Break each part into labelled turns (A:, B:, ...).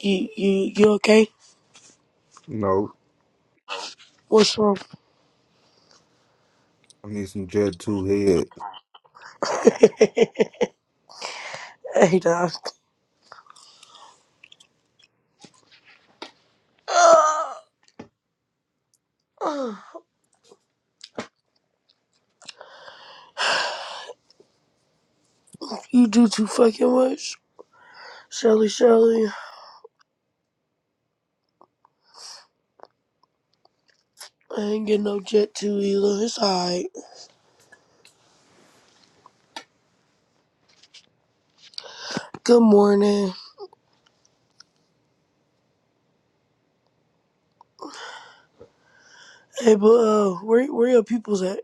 A: You you you okay?
B: No,
A: What's wrong?
B: I need some Jet 2 head.
A: hey Doc. You do too fucking much. Shelly Shelly. I ain't get no jet to either. It's alright. Good morning. Hey but uh where where your peoples at?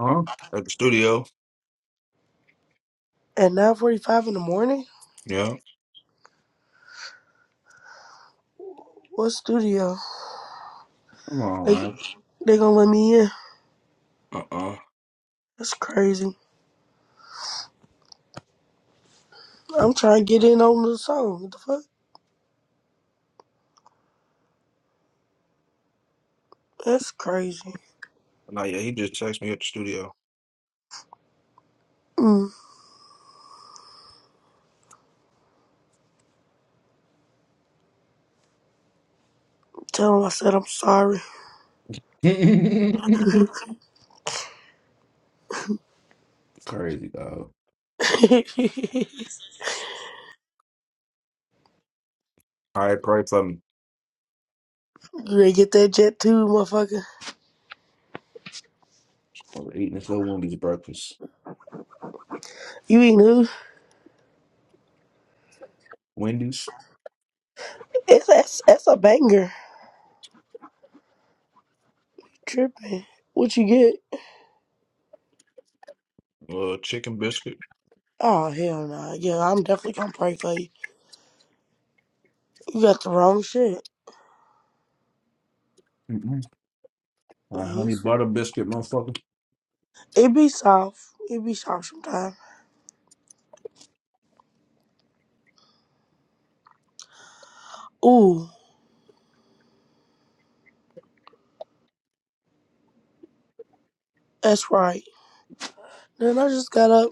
B: Huh? At the studio.
A: At nine forty five in the morning?
B: Yeah.
A: What studio?
B: Come on,
A: They
B: man.
A: they gonna let me in.
B: Uh uh
A: That's crazy. I'm trying to get in on the song. What the fuck? That's crazy.
B: Nah, yeah, he just texted me at the studio.
A: Mm, tell him I said I'm sorry.
B: Crazy dog.
A: you
B: High pray for me.
A: ready to get that jet too, motherfucker?
B: I was eating this little Wendy's breakfast.
A: You eating who?
B: Wendy's,
A: It's that's that's a banger. Tripping. What you get?
B: Uh, chicken biscuit.
A: Oh hell no. Yeah, I'm definitely gonna pray for you. You got the wrong shit.
B: mm my
A: Mhm.
B: honey butter biscuit, motherfucker.
A: It be soft. It be soft sometimes. Ooh, that's right. Then I just got up.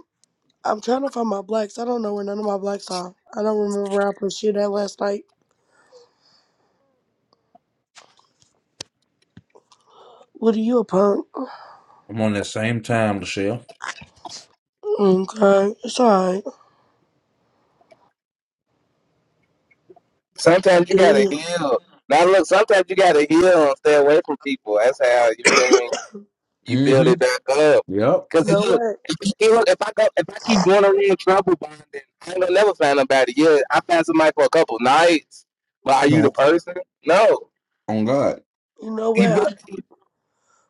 A: I'm trying to find my blacks. I don't know where none of my blacks are. I don't remember where I put shit at last night. What are you a punk?
B: I'm on that same time, Michelle.
A: Okay, it's alright.
C: Sometimes you
A: Damn.
C: gotta
A: You
C: heal. Now look, sometimes you gotta heal and stay away from people. That's how you feel me. You build it
B: Mm-hmm.
C: back up.
B: Yep.
C: Cause it-
A: know
C: look,
A: what?
C: if, you keep- look, if I go, if I keep going around trouble bonding, I ain't gonna never find nobody. Yeah, I found somebody for a couple nights, but are you the
B: No.
C: person? No.
B: On God.
A: You know
C: even.
A: what?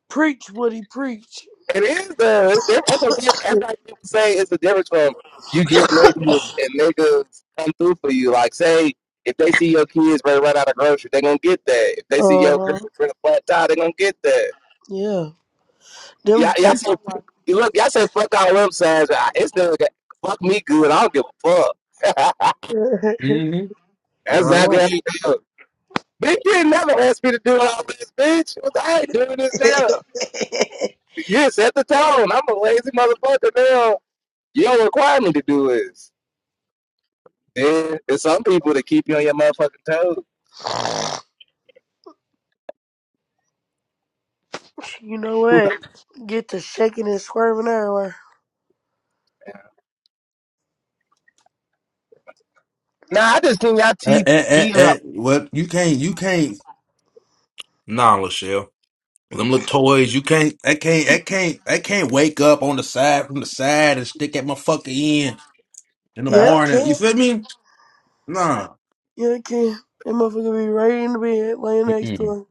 A: Preach, Woody, preach.
C: It is though. It's different. That's what I'm saying. That's like people say it's the difference from you get niggas and niggas come through for you. Like say if they see your kids ready to run out of grocery, they gonna get that. If they
A: Uh
C: see your girl
A: huh.
C: with a flat tie, they gonna get that.
A: Yeah. Them
C: Y'all,
A: the
C: y'all
A: type.
C: say you look, y'all say fuck all them signs. but I- It's still got- fuck me good. I don't give a fuck.
B: Mm-hmm.
C: That's
B: That's all I
C: exactly
B: want.
C: how you feel. Bitch, you ain't never asked me to do all this, bitch. I ain't doing this now. You set the tone. I'm a lazy motherfucker now. You don't require me to do this. Yeah, there's some people that keep you on your motherfucking toes.
A: You know what? Get to shaking and swerving everywhere.
C: Nah, I just seen y'all
B: Eh,
C: teeth
B: eh, eh,
C: feet up.
B: eh. Well, you can't, you can't. Nah, Lachelle. Them little toys, you can't, I can't, I can't, I can't wake up on the side from the side and stick at my fucking end in the
A: Yeah,
C: Nah.
A: it
B: morning. You
A: can.
B: feel me? Nah.
A: Yeah, it can. That motherfucker be right in the bed, laying next to
B: Mm-mm.
A: him.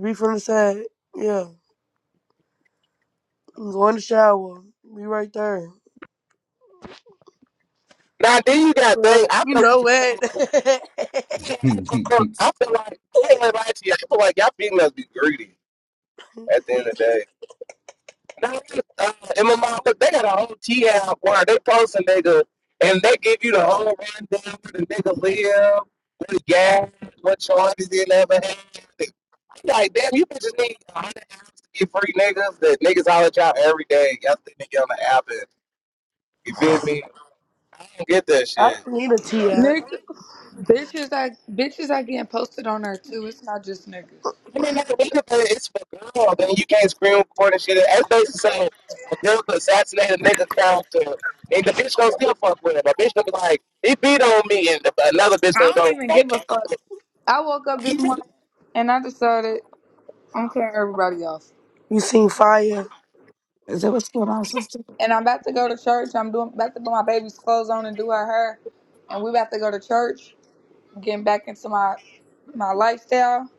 A: Be from the side. Yeah. Go in the shower. Be right there.
C: now then you got thing.
A: Right.
C: I
A: You
C: feel
A: know what?
C: like I feel like I ain't gonna lie to you. I feel like y'all females be greedy at the end of the day. Nah, uh, and my mom, look, they got a whole tea out where they post a nigga and they give you the whole rundown where the nigga live, what he got, what charges he ever had. Like, damn, you bitches need 100 apps to be free niggas that niggas holler at y'all every day. Y'all think they get on the app and, you feel me? I don't get that
A: I
C: shit.
A: don't need a T app.
D: Nigga, bitches I bitches are getting posted on her too. It's not just niggas.
C: I mean, like, nigga, but it's for girls, then you can't screen record and shit. That's basically saying a girl could assassinate a nigga character, and the bitch gonna still fuck with him. A bitch gonna be like, he beat on me, and the, another bitch
D: I
C: gonna
D: don't
C: go,
D: even
C: right
D: give a
C: back up
D: fuck.
C: with
D: I woke up this
C: him.
D: morning and I decided I'm cutting everybody off.
A: You seen fire.
E: Is that what's going on, sister?
D: And I'm about to go to church. I'm doing about to put my baby's clothes on and do her hair. And we about to go to church, getting back into my my lifestyle.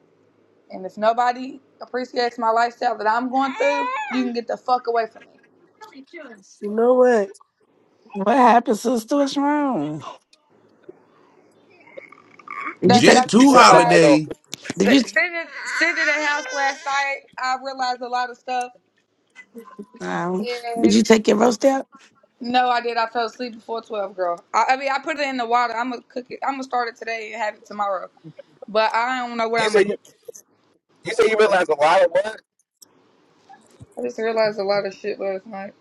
D: And if nobody appreciates my lifestyle that I'm going through, you can get the fuck away from me.
A: You know what?
E: What happened, sister? What's wrong? Did you
D: That's what I
B: Jet
E: take?
D: just
C: You
B: 2
C: said nobody
D: realized.
C: don't.
B: holiday.
E: Did you?
D: Sitting sitting at the house last night, I realized a lot of stuff.
E: Um, did
D: And
E: you take your roast out?
D: no, I did. I fell asleep before twelve, girl. I, I mean, I put it in the water. I'm gonna cook it. I'm gonna start it today and have it tomorrow. But I don't know what
C: You
D: I'm gonna.
C: said you. You said you realize a lot of what?
D: I just realized a lot of shit last night.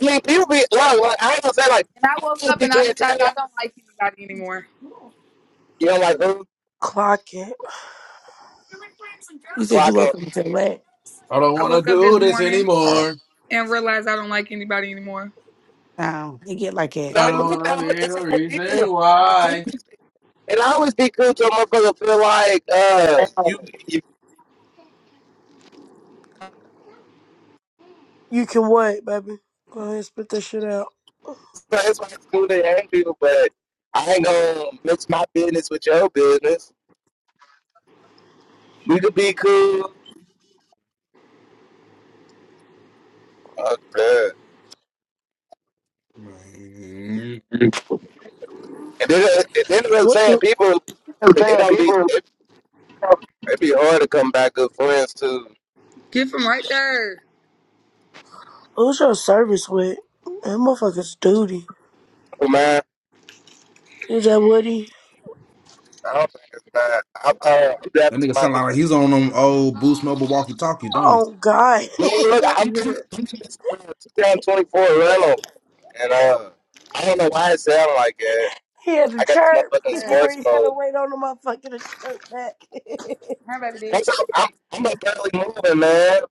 C: I mean, people be, like, look, I ain't gonna say like,
D: And I
C: my
D: woke
C: kids
D: up
C: be
D: and I
C: trying to tell
D: decided
C: you,
D: I don't like anybody anymore.
C: you know, like, oh,
A: Clock it.
E: You said
C: Clocking,
E: you woke
C: it.
E: up and said what?
B: I don't
D: I
B: want to
D: woke up
B: do
D: this
B: this
D: morning
B: anymore.
D: and realized I don't like anybody anymore.
E: No, you get like that.
C: Now
B: I
C: look
B: don't want
C: down,
B: to be
C: it's
B: the
C: ridiculous.
B: reason why.
C: It always be cool to a motherfucker feel like uh you you
A: You can what, baby? Go ahead, and spit that shit out.
C: that's why it's cool to hang people, but I ain't gonna mix my business with your business. We could be cool. Okay.
B: Man.
E: I'm
C: And then uh, and then what I'm
A: What?
C: saying people it
E: saying
C: don't be
E: people.
C: it be hard to come back good friends too.
D: Get from right there.
A: Who's your service with? That motherfucker's duty.
C: Oh, man,
A: Is that Woody?
C: I don't think it's bad. I'm uh, I'm down
B: That
C: to
B: nigga
C: my
B: sound like he's on them old Boost Mobile walkie talkie, don't he?
A: Oh God.
C: Man, look, I'm coming
D: there.
C: I'm in this uh, 2024 Rental, and uh, I don't know why it sound like it.
A: he had to
C: I got this
A: chirp.
C: motherfucker in
A: He where
C: sports
A: he had to
C: mode.
A: wait on the motherfucker to chirp back.
D: Her baby D.
C: That's I'm I'm, I'm not barely moving, man.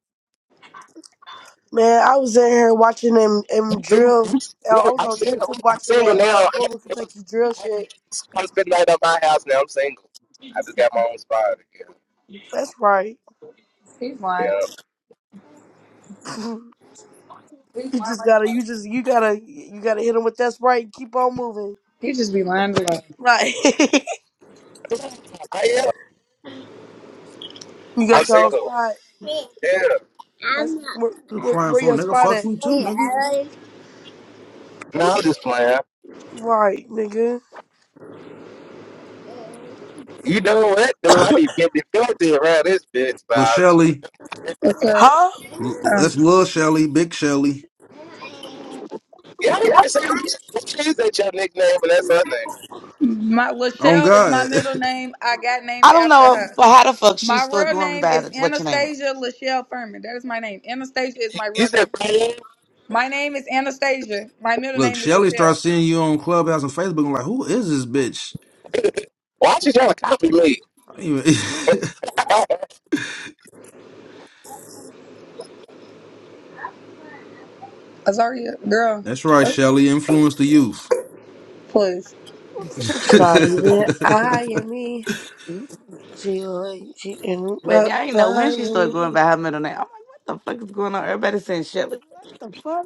A: Man, I was in here watching him him
C: I'm single, I'm,
A: drill. Uh, I
C: look,
A: was
C: I'm
A: on
C: single.
A: YouTube
C: I'm
A: watching
C: single
A: that uh
C: now. I
A: Louisville
C: was
A: Kentucky drill
C: I
A: shit.
C: I spend night at my house now. I'm single. I just got my own spot again.
A: That's right.
D: He's lying.
C: Yeah,
A: you
D: He's lying
A: just
D: like a
A: gotta
D: mother.
A: you just you gotta you gotta hit him with that's right and keep on moving.
D: He just be lying to lie.
A: Right.
C: I am.
A: you
C: I'm
A: got your own
C: single.
A: spot.
C: Yeah.
A: That's where,
B: You're
A: where
B: flying
A: where
B: for
A: your
B: nigga.
A: spot
B: Fuck
A: at?
B: you too, nigga.
C: No, I'm just playing.
A: Right, nigga.
C: You know what, though? I be getting get filthy around this bitch,
B: Lil
C: but
B: Shelly.
D: What's up?
A: Huh?
B: L- That's Lil Shelly, Big Shelly.
D: Uh.
C: Yeah, I was gonna say we should we that your nickname, and that's her name.
D: My
B: On
D: Lachelle is my
B: God.
D: middle name. I got
E: I
D: named
E: don't
D: after
E: know if-
D: her.
E: how the fuck she
D: My
E: started
D: real
E: going
D: name
E: by
D: is
E: the- what your name
D: Anastasia Lachelle Furman. That is my name. Anastasia is my
C: You
D: real
C: said
D: name.
C: Brian.
D: My name is Anastasia. My middle
B: Look,
D: name is
B: Shelly
D: Lachelle.
B: starts seeing you on Clubhouse and Facebook. I'm like, who is this bitch?
C: Why she trying to copy me?
B: I don't even...
C: Why
D: Azaria, girl,
B: That's right, Shelly. Influence the youth.
D: please.
E: was.
A: Sorry, man. I am me. She like she in my
E: Baby, I ain't know when she started going
A: Miami.
E: by her middle name. I'm like, what the fuck is going on? Everybody saying shit. Like, what the fuck?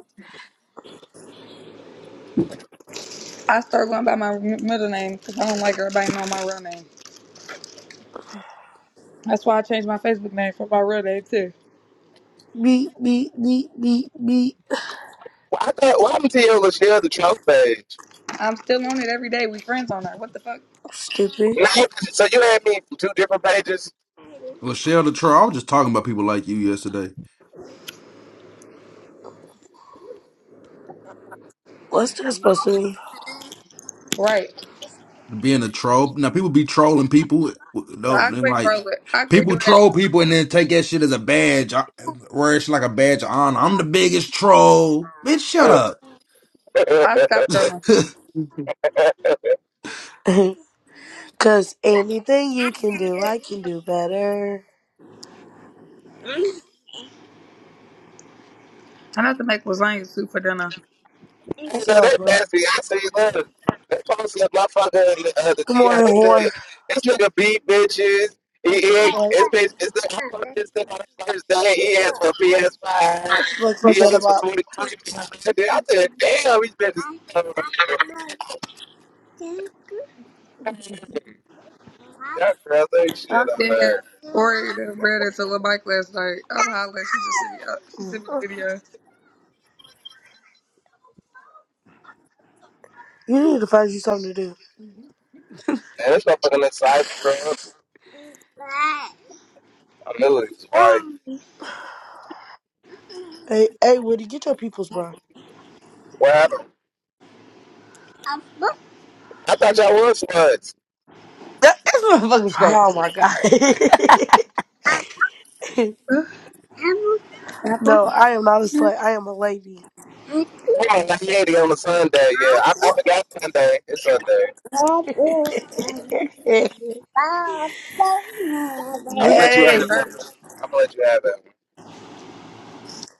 D: I start going by my m- middle name because I don't like everybody knowing my real name. That's why I changed my Facebook name for my real name too.
A: Beep beep beep beep beep.
C: I thought why I'm telling Lachelle the trust page?
D: I'm still on it every day. We friends on there. What the fuck?
A: Stupid.
C: Nah, so you had me from two different pages.
B: Lachelle the troll. I was just talking about people like you yesterday.
A: What's that supposed to
D: Right.
B: Being a troll. Now people be trolling people.
D: So I
B: Don't and
D: quit
B: like
D: trolling. I quit
B: people
D: doing that
B: troll people and
D: trolling. shit.
B: then take that shit as a badge. I- Wear it's like a badge of honor. I'm the biggest troll. Bitch, shut
C: I
B: up.
D: I stopped trolling.
E: Mhm.
A: mean? Cause anything you can do, I can do better.
D: I have to make lasagna soup for dinner.
C: ain't
A: That's
C: know
A: all,
C: that
A: bro.
C: nasty. I see look, they posted my fucker uh, the
A: Good
C: TI.
A: morning,
C: They said
A: whore.
C: this nigga beat bitches. He,
A: Fucking
C: he
A: slut.
C: it's bitch. It's the, I fucked this thing on the first day. He asked for a PS5.
A: Fucking
C: He asked for
A: chatterbox.
C: twenty three. I said, damn, these bitches. Yeah, girl, they
D: I
C: shit out
D: did
C: there.
D: ordered the bread at the little bike last night. I'm hollering. She just sent me, uh, she
A: You
D: sent me the video.
A: need to find you something to do.
C: Man, this motherfucker in that cyber
D: It's-
C: I knew it.
D: Huh?
C: Like,
A: Hey, hey, Woody, get your peoples, bro.
C: what happened? I thought y'all was sluts.
E: That, this motherfucker's
A: Oh my
E: crazy.
A: god.
D: Apple?
A: no, I am not a slut. I am a lady.
D: We
C: I'm on 90 on a Sunday. Yeah, I, I forgot Sunday. It's Sunday. I'm gonna
D: about to
C: let you
D: go to
C: have it.
A: hey.
C: Bro.
D: church.
C: I'm gonna let you have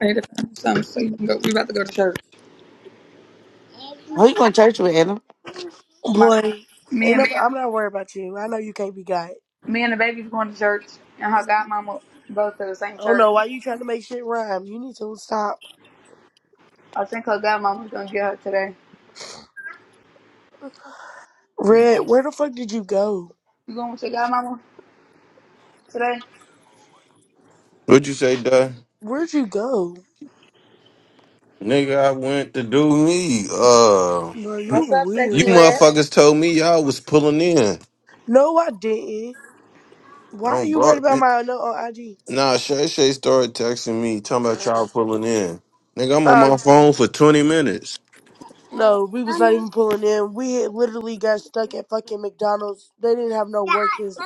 D: I need to find something so you can go. We about to go to church.
E: Who you going to church with, Anna?
D: My
A: Boy,
D: me
A: ain't no,
D: and
A: I'm not worried about you. I know you can't be got.
D: me and the baby's going to church, and her godmama goes to the same
A: I don't
D: church.
A: know why you trying to make shit rhyme. You need to stop.
D: I think her godmama's gonna get her today. You,
A: Red, where the fuck did you go?
D: you going with your godmama today?
F: What you say, duh?
A: Where'd you go?
F: Nigga, I went to do me. Uh,
A: Bro, you
D: What's up,
A: weird.
F: you
D: sexy red?
F: motherfuckers told me y'all was pulling in.
A: No, I didn't. Why are
F: Don't
A: you
F: bro.
A: worried about my note on IG?
F: Nah, Shay Shay started texting me talking about y'all pulling in. Nigga, I'm on
A: Uh,
F: my phone for 20 minutes.
A: no, we was not even pulling in. We had literally got stuck at fucking McDonald's. They didn't have no workers,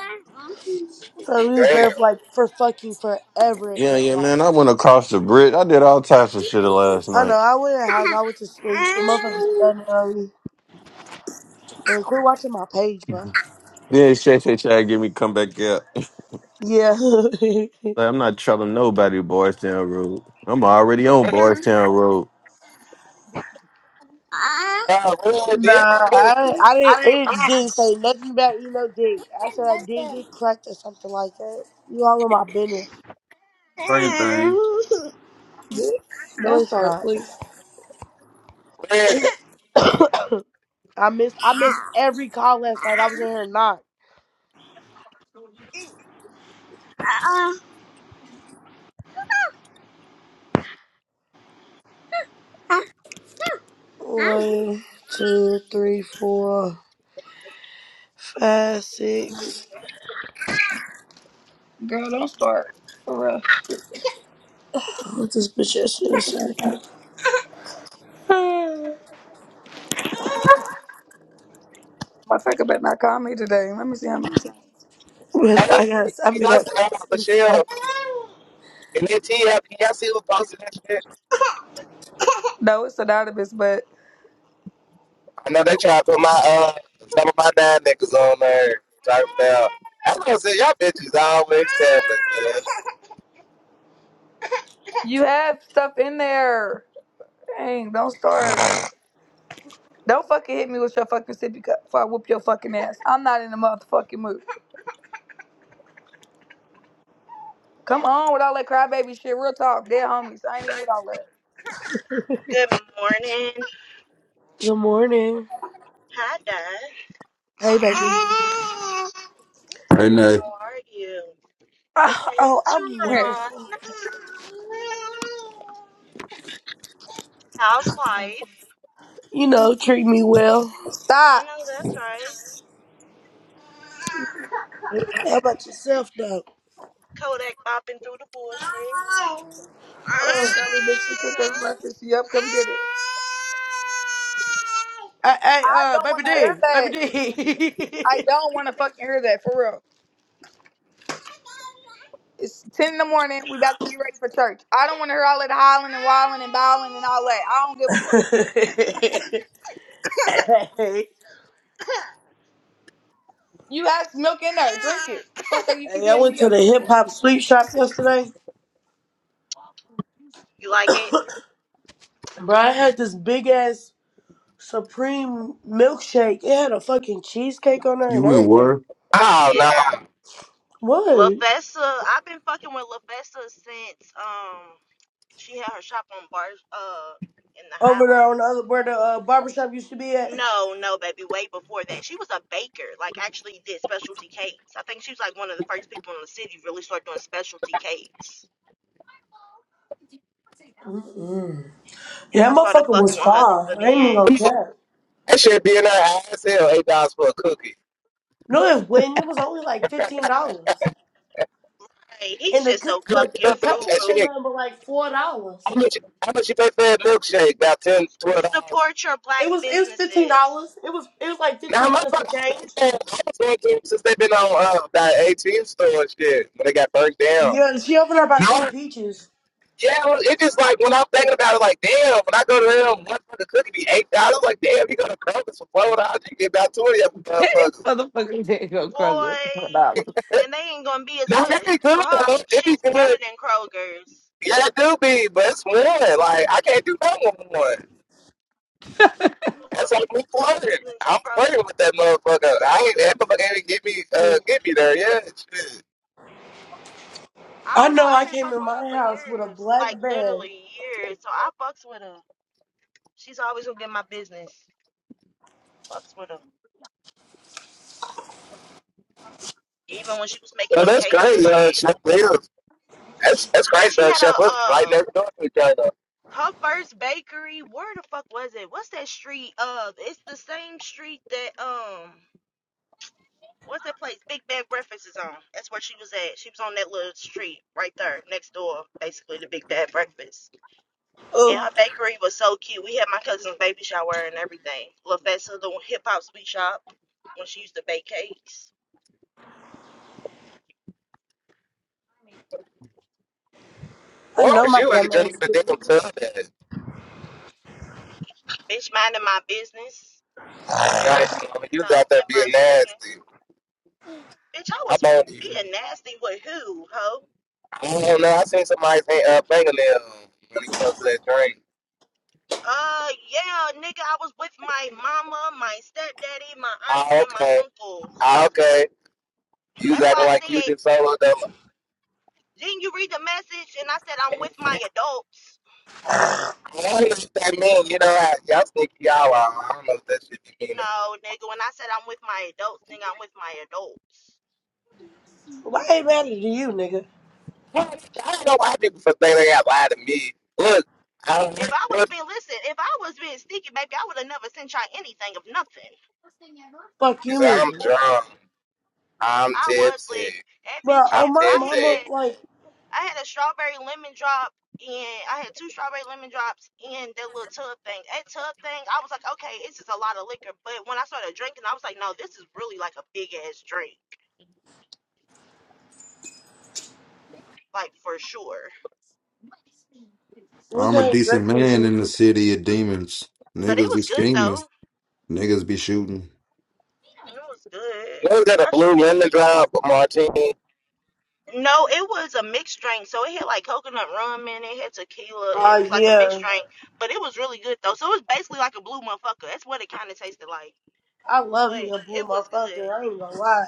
A: so we was
C: it.
A: there for like for fucking forever. It
F: Yeah,
A: felt
F: yeah,
A: like.
F: man. I went across the bridge. I did all types of shit last
A: I know.
F: night.
A: I went in the house. I went to sleep. The motherfuckers standing on Hey, quit watching my page, bro.
F: Then Shay Shay tried to get me come back up.
A: Yeah.
F: Like, I'm not telling nobody Boys Town Road. I'm already on Boys Town Road.
C: Damn. Uh, real
A: nah,
C: deal.
A: I I didn't it didn't say nothing about you know dick. I said I didn't get cracked or something like that. You all in my business.
B: Same thing.
D: Don't
A: No, it's
D: start,
A: not.
D: please.
C: Man,
A: I missed I missed every call last night. I was in here not. One, two, three, four, five, six.
D: Girl, don't start. For real.
A: What this bitch ass nigga say?
D: My Motherfucker better not call me today. Let me see how many times.
A: Bitch,
C: hey,
A: I got I
C: I
A: got
C: said, oh,
A: six missed calls.
C: Michelle. And then TF, y'all see who posted that shit?
D: No, it's a database, but
C: I know they tried to put my, uh, some of my nine niggas on there. Talking about, I was gonna say, y'all bitches always telling, man.
D: you have stuff in there. Dang, don't start. Don't fucking hit me with your fucking sippy cup before I whoop your fucking ass. I'm not in the motherfucking mood. Come on with all that crybaby shit. Real talk. Dead homies. I ain't even with all
G: Good morning.
A: Good morning.
G: Hi, Dad.
A: Hey baby.
D: that.
B: Hey Nay.
G: How are you?
A: Oh, oh,
G: Hey,
A: I'm
D: Here.
G: Teron.
A: wonderful.
G: How's life?
A: You know, treat me well.
D: Stop.
G: I know that's right.
A: How about yourself, though?
G: Kodak bopping through the bullshit.
D: Sorry,
A: Oh,
D: bitch. She
G: You
D: took us
G: know.
D: breakfast. Yup, come get it.
A: hey, hey,
D: I
A: uh,
D: don't
A: baby
D: want to
A: D,
D: hear
A: baby D.
D: that. I don't want to fucking hear that for real. It's ten in the morning. We about to get ready for church. I don't want to hear all that hollering and wilding and bowling and all that. I don't give a fuck.
A: hey,
D: You have milk in there. Drink it. Fuck that. You
A: hey,
D: keep
A: I
D: hitting
A: went
D: me
A: to the hip
D: up.
A: hop sweet shop yesterday,
G: You like it?
A: bro. I had this big ass supreme milkshake. It had a fucking cheesecake on there and
B: You in
A: everything.
B: win.
C: Oh no!
G: Yeah.
A: What?
G: LaFessa. I've been fucking with LaFessa since um she had her shop on bars uh in the
A: Over there on the
G: Highlands.
A: other where the uh, barbershop used to be at.
G: No, no, baby, way before that. She was a baker, like actually did specialty cakes. I think she was like one of the first people in the city to really start doing specialty cakes.
A: Mm-mm.
G: and
A: Yeah,
G: I
A: that
G: started
A: motherfucker
G: fucking
A: was
G: with her
A: fine.
G: with
A: I
G: me
A: ain't even
G: and
A: gonna
C: That
A: care.
C: shit be in her ass hell, eight dollars for a cookie.
A: No, it wasn't. It was only like fifteen dollars.
G: hey,
A: And
G: he's
A: the
G: just
A: good
G: so
C: How much
A: the
C: you
G: fucking
A: the
C: pay that
A: cupcakes ain't
G: frugal.
C: shit?
A: nothing but like four
C: How
A: dollars.
C: much? How much you pay for that milkshake? About ten, twelve dollars.
G: Support your
A: It
G: black
A: was it was fifteen
G: businesses.
A: dollars. It was it was like
C: Now
A: fifteen
C: my
A: minutes
C: fuck,
A: of
C: I
A: change.
C: I- I was going to them since they've been on uh, that eighteen store and shit when they got burnt down.
A: Yeah, she opened her by
C: No,
A: sweet peaches.
C: yeah, it was- it just like when I'm thinking about it, like damn, when I go to them, one fucking cookie be eight dollars. Like damn, you go to Kroger's for four dollars, you get about twenty of them
E: This
C: motherfuckers.
E: Motherfucker, you didn't go Kroger.
G: Boy and they ain't gonna be as
C: Now
G: good
C: that be good
G: her
C: though, it be
G: shit's better
C: good.
G: than Kroger's.
C: Yeah, that do be, but it's one. Like I can't do no one. That's like me flirting.
G: Than
C: I'm
G: take
C: flirting
G: Kroger's
C: with that motherfucker. I
G: hoe.
C: ain't that motherfucker ain't get me uh
A: Yeah.
C: get me there. Yeah, shit.
G: I
A: I
G: don't know,
A: know
G: I've
A: I
G: been
A: came
G: fucking
A: in
G: with her
A: my
G: for
A: house with a
G: years. Like
A: black bag.
G: literally years. So I fucks with her. She's always gonna get my business. Fucks with her. Even when she was making
C: Yo,
G: them
C: that's
G: cakes and
C: crazy. Uh,
G: shit.
C: Chef lives. That's that's
G: Yo,
C: crazy.
G: she
C: Uh,
G: had a
C: Chef lives right
G: um
C: next door to each other.
G: her first bakery where the fuck was it what's that street uh it's the same street that um what's that place big bad breakfast is on that's where she was at she was on that little street right there next door basically to big bad breakfast and
A: Ugh,
G: her bakery was so cute we had my cousin's baby shower and everything lafessa the hip-hop sweet shop when she used to bake cakes
A: I
C: Where
A: know
C: was
A: my
C: you at
A: dumb
C: drinking
A: ass.
C: the
A: did it.
C: damn tub at?
G: bitch minding my business
C: Now that you know,
G: you
C: you was
G: know
C: out there
G: and my
C: being nasty.
G: yeah. bitch i
C: I
G: was
C: don't. you.
G: being nasty with who ho
C: I don't know. I seen somebody say uh, fingernail when he posted that drink.
G: Uh, yeah, nigga, I was with my mama, my stepdaddy, my
C: Ah,
G: auntie, and my
C: okay.
G: uncle.
C: Ah, okay. You was
G: That's
C: acting
G: why I
C: like you
G: said,
C: did solo
G: didn't you read the message? And I said, I'm with
C: though.
G: my adults.
C: I don't know what that mean. You know, I, y'all think y'all are. I don't know if that should be mean.
G: No, nigga, when I said I'm with my adults, nigga, I'm with my adults.
A: Why ain't matter to you, nigga?
C: I don't know why people think they got lie to me. Look, I don't know
G: If I was
C: what.
G: being, listen, if I was being sneaky, baby, I would have never sent y'all anything of nothing.
A: Fuck
C: You
A: you
C: say, I'm
A: mean?
C: drunk. I'm
G: I was
C: tipsy.
G: like, that
A: But
G: bitch
C: I'm
A: oh
G: had,
A: my
G: I
C: tipsy.
A: mama,
G: had
A: like,
G: I had a strawberry lemon drop and I had two strawberry lemon drops and that little tub thing. That tub thing, I was like, okay, it's just a lot of liquor. But when I started drinking, I was like, no, this is really like a big ass drink, like for sure.
A: what's
B: I'm a
A: that
B: decent
A: drink was
B: man
A: it?
B: in the city of demons.
G: But it
B: Niggas be
G: was good
B: scheming.
G: though.
B: Niggas be shooting.
G: It was good.
C: You ain't got a
G: I should.
C: blue lemon drop, a martini.
G: No, it was a mixed drink. So it had like coconut rum in it, had tequila.
A: Oh
G: It was like a mixed
A: yeah.
G: drink, but it was really good though. So it was basically like a blue motherfucker. That's what it kind of tasted like.
A: I love
G: But
A: me a blue
G: it was good.
A: motherfucker, I ain't gonna lie.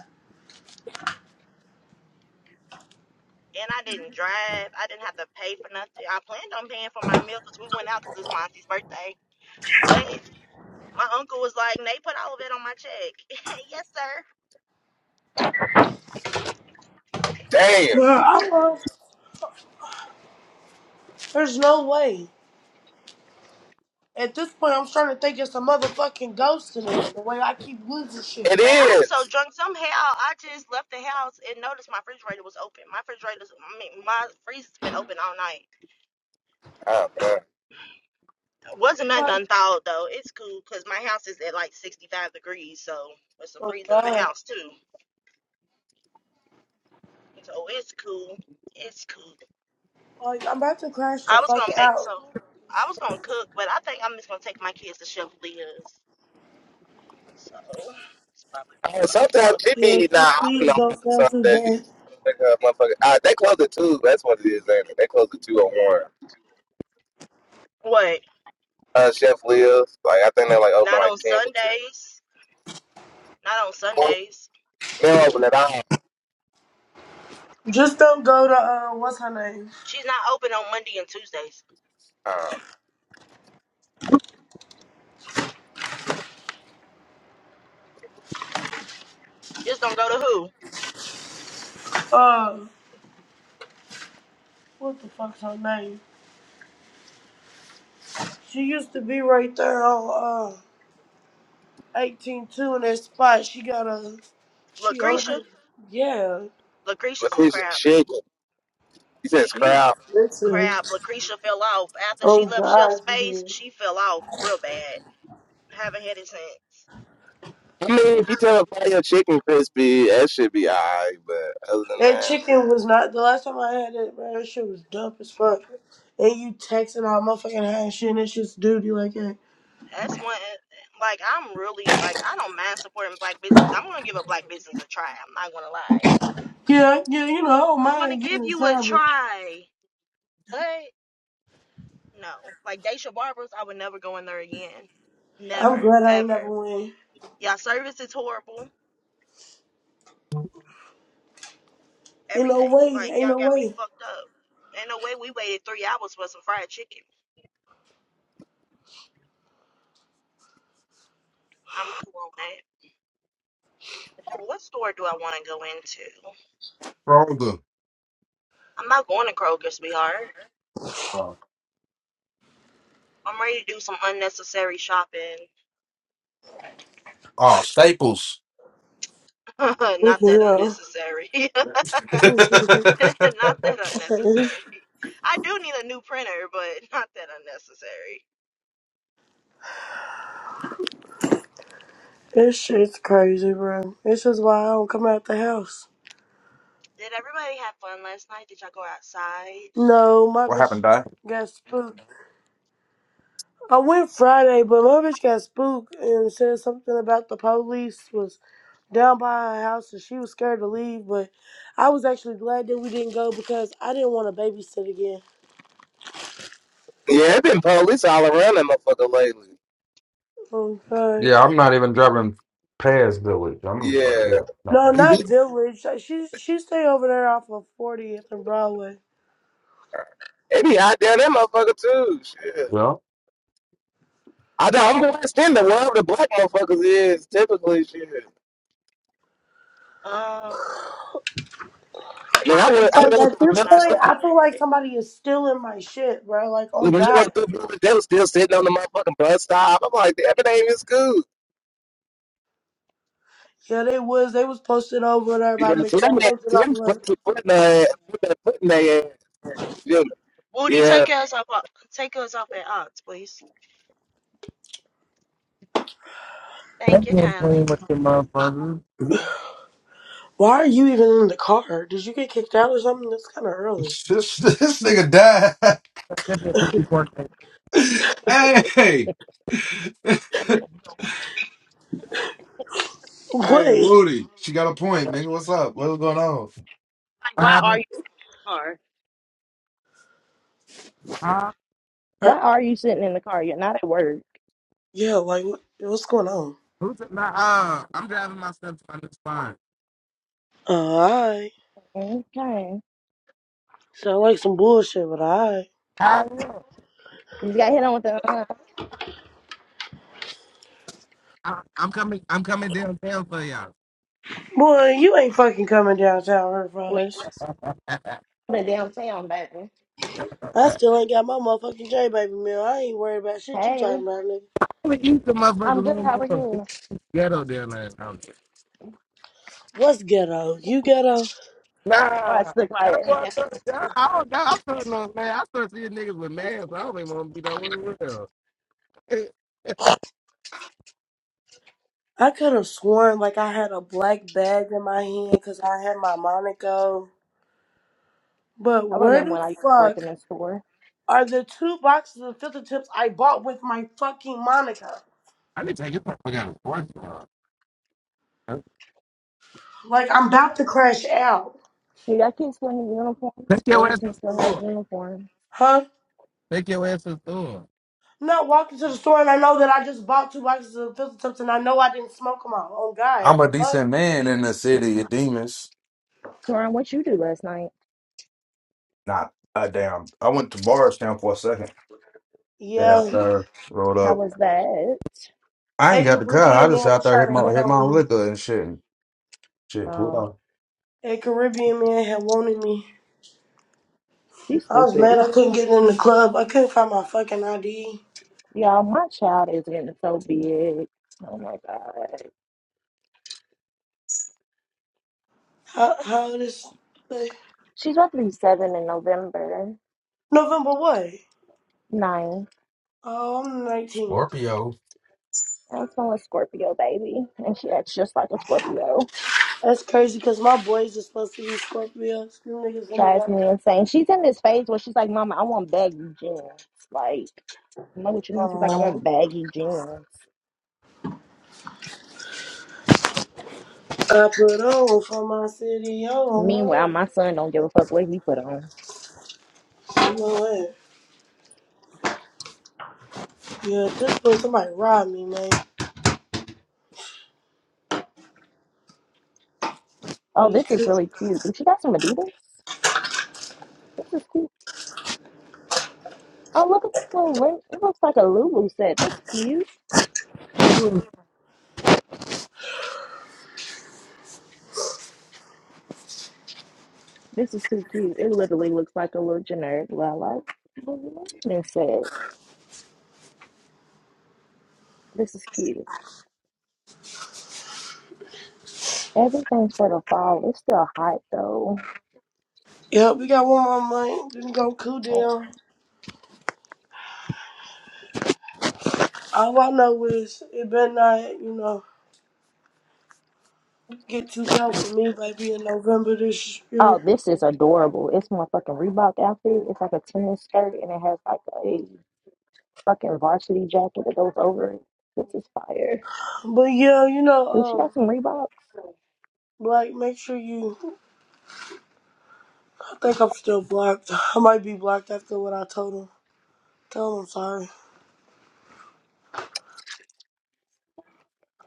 G: and I didn't drive. I didn't have to pay for nothing. I planned on paying for my meal 'cause we went out 'cause it's Monty's birthday. But my uncle was like, "They put all of it on my check." yes, sir.
C: Damn,
A: Bro, I love there's no way. At this point, I'm starting to think it's a motherfucking ghost in it. The way I keep losing shit.
C: it
G: Man, I was so
C: is.
G: drunk. Somehow, I just left the house and noticed my refrigerator was open. My refrigerator's, I mean, my freezer's been open all night.
C: Oh, man.
G: Wasn't nothing
A: Like,
G: unthawed though. It's cool 'cause my house is at like 65 degrees, so it's a
A: oh
G: freezer in the
A: god.
G: house too. So it's cool. It's cool.
A: Like, I'm about to crash the
G: I was
A: fuck
G: gonna make
A: out.
G: some. I was gonna cook, but I think I'm just gonna take my kids to Chef Leah's. So it's probably what we're
C: Oh,
G: gonna
C: sometimes
G: fuck
C: it
G: with.
A: Yeah,
C: be, nah,
A: shit,
C: I don't know,
A: please don't
C: fucking some
A: sound too bad.
C: days. Like, uh, motherfucker. Uh, they close at 2. That's what it is, ain't it? They close at 2 or 1.
G: What?
C: Uh, Chef Leo's, like, I think they, like, open,
G: Not
C: like,
G: on
C: 10 or 2.
G: Sundays. Not on Sundays.
C: They'll open it up.
A: Just don't go to, uh, what's her name?
G: She's not open on Monday and Tuesdays.
C: Uh,
G: Just don't go to who?
A: Uh, what the fuck's her name? She used to be right there on, uh, eighteen two in that spot. She got a, she
G: Lucretia.
A: over, yeah.
G: Lucretia's is
C: LaQuisha
G: crap.
C: Chicken. He says
A: She
G: Look,
A: is
C: crowd.
A: listen.
G: crap. Lucretia fell off after
A: Oh
G: she left Chef
A: god, she
G: Space.
A: did.
G: She fell off real bad. Haven't had it since.
C: I mean, if you tell them fry your chicken crispy, that should be alright. But other than
A: That
C: that,
A: chicken was not the last time I had it, bro. That shit was dumb as fuck. And you texting all motherfucking high and shit, and it's just duty like that.
G: That's one like I'm really like I don't mind supporting black business. I'm gonna give a black business a try. I'm not gonna lie.
A: Yeah, yeah, you know, I don't
G: I'm gonna
A: mind
G: give
A: giving it
G: you a
A: time, but
G: try. But no. Like Daisha Barbers, I would never go in there again.
A: I'm
G: Never,
A: glad I ain't never
G: ever.
A: win.
G: Y'all service is horrible.
A: Ain't no
G: Everything.
A: way,
G: Like
A: ain't
G: y'all
A: no
G: got me
A: way.
G: fucked up. Ain't no way we waited three hours for some fried chicken. I'm cool on that. And what store do I wanna go into?
B: Stronger.
G: I'm not going to Kroger, sweetheart.
B: Uh,
G: I'm ready to do some unnecessary shopping
B: oh, Staples.
A: What
G: Not that
A: the
G: unnecessary. Not that
A: hell?
G: unnecessary. I do need a new printer, but not that unnecessary.
A: this shit's crazy, bro. This is why I don't come out the house.
G: Did everybody have fun last night? Did y'all go outside?
A: No, my
B: What
A: bitch
B: happened, Di?
A: got spooked. I went Friday, but my bitch got spooked and said something about the police was down by her house and she was scared to leave, but I was actually glad that we didn't go because I didn't want to babysit again.
C: yeah, it been police all around that motherfucker lately.
A: I'm
B: Yeah, I'm not even driving past Village. I'm uh,
C: Yeah,
B: yeah, nah.
A: No, not
C: they
A: Village. Like, She she stay over there off of 40th and Broadway.
C: be out there that motherfucker too. Shit.
B: yeah.
C: I don't, I'm gonna stand the world the black motherfuckers is typically shit.
G: Um,
C: And then I
G: why
C: went,
G: is
C: I
A: Like
G: what you
A: at
C: went through
G: call
A: this
G: it
C: another
G: not
A: point,
G: open
C: street.
A: I feel like
G: yet?
A: somebody is stealing my shit, bro. Like, oh
C: When you went
A: God.
C: through, Memphis, they was still sitting on the motherfucking bus stop. I'm like, that ain't even school.
A: Yeah, they was. They was posted over there by
C: You know, so they put
A: McDonald's and
C: so
A: I'm like,
C: their foot in their- Yeah.
G: Woody,
C: yeah.
G: take us off? take us off at Ox, please. Thank you kindly.
A: why are you even in the car? Did you get kicked out or something? That's kind of early.
B: This this nigga died. hey, hey,
A: Wait.
B: Woody. She got a point, nigga. What's up? What's going on?
G: Like,
C: What
G: why are
C: happened?
G: you in the car?
C: Uh,
G: Why
A: Or,
G: are you sitting in the car? You're not at work.
A: yeah, like, what, what's going on?
C: who's it? Nah, uh, I'm driving myself on this fine.
A: Alright.
G: Okay.
A: Sound like some bullshit, but alright.
C: I,
G: You just got hit on with the uh,
C: I, I'm coming. I'm coming downtown for y'all.
A: Boy, you ain't fucking coming downtown her
G: with
A: for us.
G: the downtown, baby.
A: I still ain't got my motherfucking J baby meal. I ain't worried about shit you
G: Hey,
A: talking about, nigga.
C: I'm gonna eat the motherfuckers a
G: I'm good.
C: little
G: How are
C: more. It's
G: you?
C: ghetto there. man.
A: What's ghetto? You ghetto?
G: Watch
C: Nah.
G: the
C: That's
G: quiet.
C: what
G: Yeah.
C: I started. I, I don't know. I'm starting on man. I started seeing niggas with masks. I don't even want to be that way real.
A: I could have sworn like I had a black bag in my hand because I had my Monaco. But
G: I
A: where
G: remember
A: the
G: when I used to work in
A: fuck
G: the store.
A: are the two boxes of filter tips I bought with my fucking Monaco?
C: I need to take your motherfucker out of the store.
A: Like I'm about to crash out.
G: Hey, that kid's still in uniforms.
C: Take your ass to
G: Burlington
C: the
G: still has
C: store.
G: uniforms.
A: Huh?
C: Take your ass to the store.
A: Not walking to the store and I know that I just bought two boxes of filter tips and I know I didn't smoke them all. Oh God,
B: I'm a
A: the fuck?
B: decent man in the city of demons.
G: Soren, what you do last night?
B: Nah, uh, damn. I went to Morristown for a second. Day
A: Yeah.
B: out
G: Oh,
B: there, rolled
G: how
B: up.
G: was that?
B: I
A: A
B: ain't got the car. I
A: Caribbean
B: just
A: man
B: out
A: was
B: there hit
A: trying to
B: my
A: hit
B: hit my
A: on
B: own
A: me.
B: liquor and shit. Shit, pulled
G: Oh,
B: off.
A: A Caribbean man had wanted me.
G: she's
A: I was mad
G: stupid.
A: I couldn't get in the club. I couldn't find my fucking ID.
G: Y'all, my child is getting so big. Oh my god.
A: How how this
G: She's about to be seven in November.
A: November what?
G: Nine.
A: Oh, I'm 19.
B: Scorpio.
G: I'm from a Scorpio baby. And she acts just like a Scorpio.
A: That's crazy because my boys are supposed to be Scorpios. Them niggas ended
G: Drives
A: up.
G: me insane. She's in this phase where she's like, Mama, I want baggy jeans. Like I'm like, what you mean? She's like, I
A: Oh,
G: want baggy jeans.
A: I put on for my city.
G: Meanwhile,
A: Oh,
G: my
A: oh.
G: son don't give a fuck what he put on.
A: You know what? Yeah, this let somebody rob me, man.
G: Oh,
A: It's
G: this is
A: cool.
G: really cute. Did you got some Adidas? This is cute. Oh, look at this little ring. It looks like a Lulu set. That's cute. This is too cute. It literally looks like a little generic lilac. Lululemon set. This is cute. Everything's for the fall. It's still hot though.
A: Yep, we got one more man. Didn't go cool
G: Oh,
A: down. All I know is it better not, you know, get too cold for me, baby, in November this
G: Oh,
A: year.
G: this is adorable. It's my fucking Reebok outfit. It's like a tennis skirt and it has like a fucking varsity jacket that goes over it. This is fire.
A: But yeah, you know,
G: Dude, she
A: um,
G: got some Reeboks.
A: Black, make sure you. I think I'm still blocked. I might be blocked after what I told him. Tell him I'm sorry.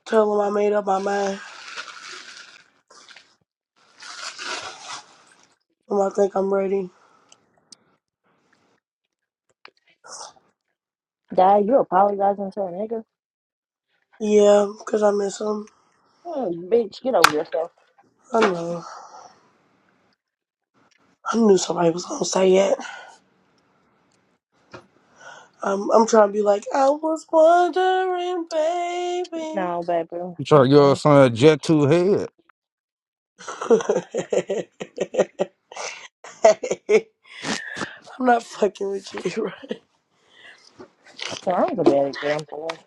A: Tell him I made up my mind. And I think I'm ready.
G: Dad, you apologizing to a nigga?
A: Yeah, 'cause I miss him.
G: Mm, bitch, get over yourself.
A: I know. I knew somebody was gonna say it. I'm, I'm trying to be like, I was wondering, baby.
G: No, baby.
B: You try to give your
G: Mm-mm.
B: son a jet two head,
A: I'm not fucking with you, right?
G: That was a bad example.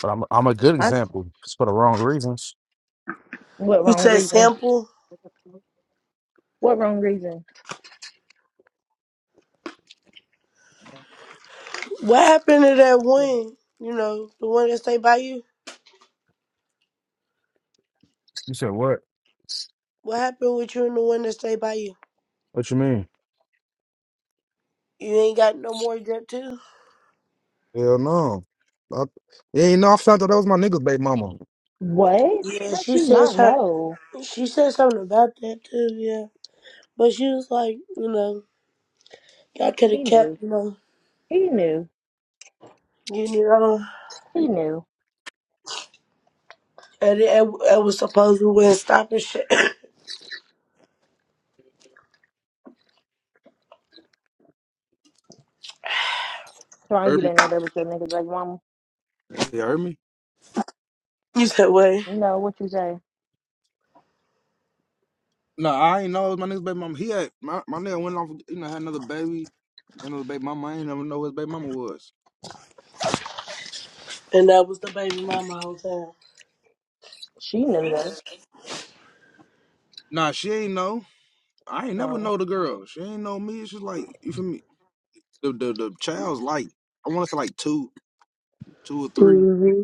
B: but I'm I'm a good
G: That's
B: example. It's for the wrong reasons.
G: what
A: You
G: wrong
A: said
G: reason?
A: sample.
G: What wrong reason?
A: What happened to that one? You know, the one that stayed by you?
B: You said what?
A: What happened with you and the one that stayed by you?
B: What you mean?
A: You ain't got no more drip too?
B: Hell no. I, yeah, you know I found out that was my nigga's baby mama.
G: What?
A: Yeah,
G: How'd
A: she
G: you
A: said
G: not
A: something.
G: know?
A: She said something about that too, yeah. But she was like, you know, y'all could have
G: He knew.
A: kept, you know,
G: He knew.
A: getting it on.
G: He knew.
A: And it, it was supposed to win stop and shit.
G: Ron, you
B: Heard me?
G: didn't know that was your nigga. Like, mom,
B: You heard me?
A: You said what?
G: no, what you say?
B: No, I ain't know it was my nigga's baby mama. He had my, my nigga went off, you know, had another baby, another baby mama. I ain't never know who his baby mama was.
A: And that was the baby mama I was on.
G: She knew though.
B: Nah, she ain't know. I ain't never
G: Oh,
B: know the girl. She ain't know me. It's just like you feel me. The the the child's like I want to say like two, two or three,
A: Mm-hmm.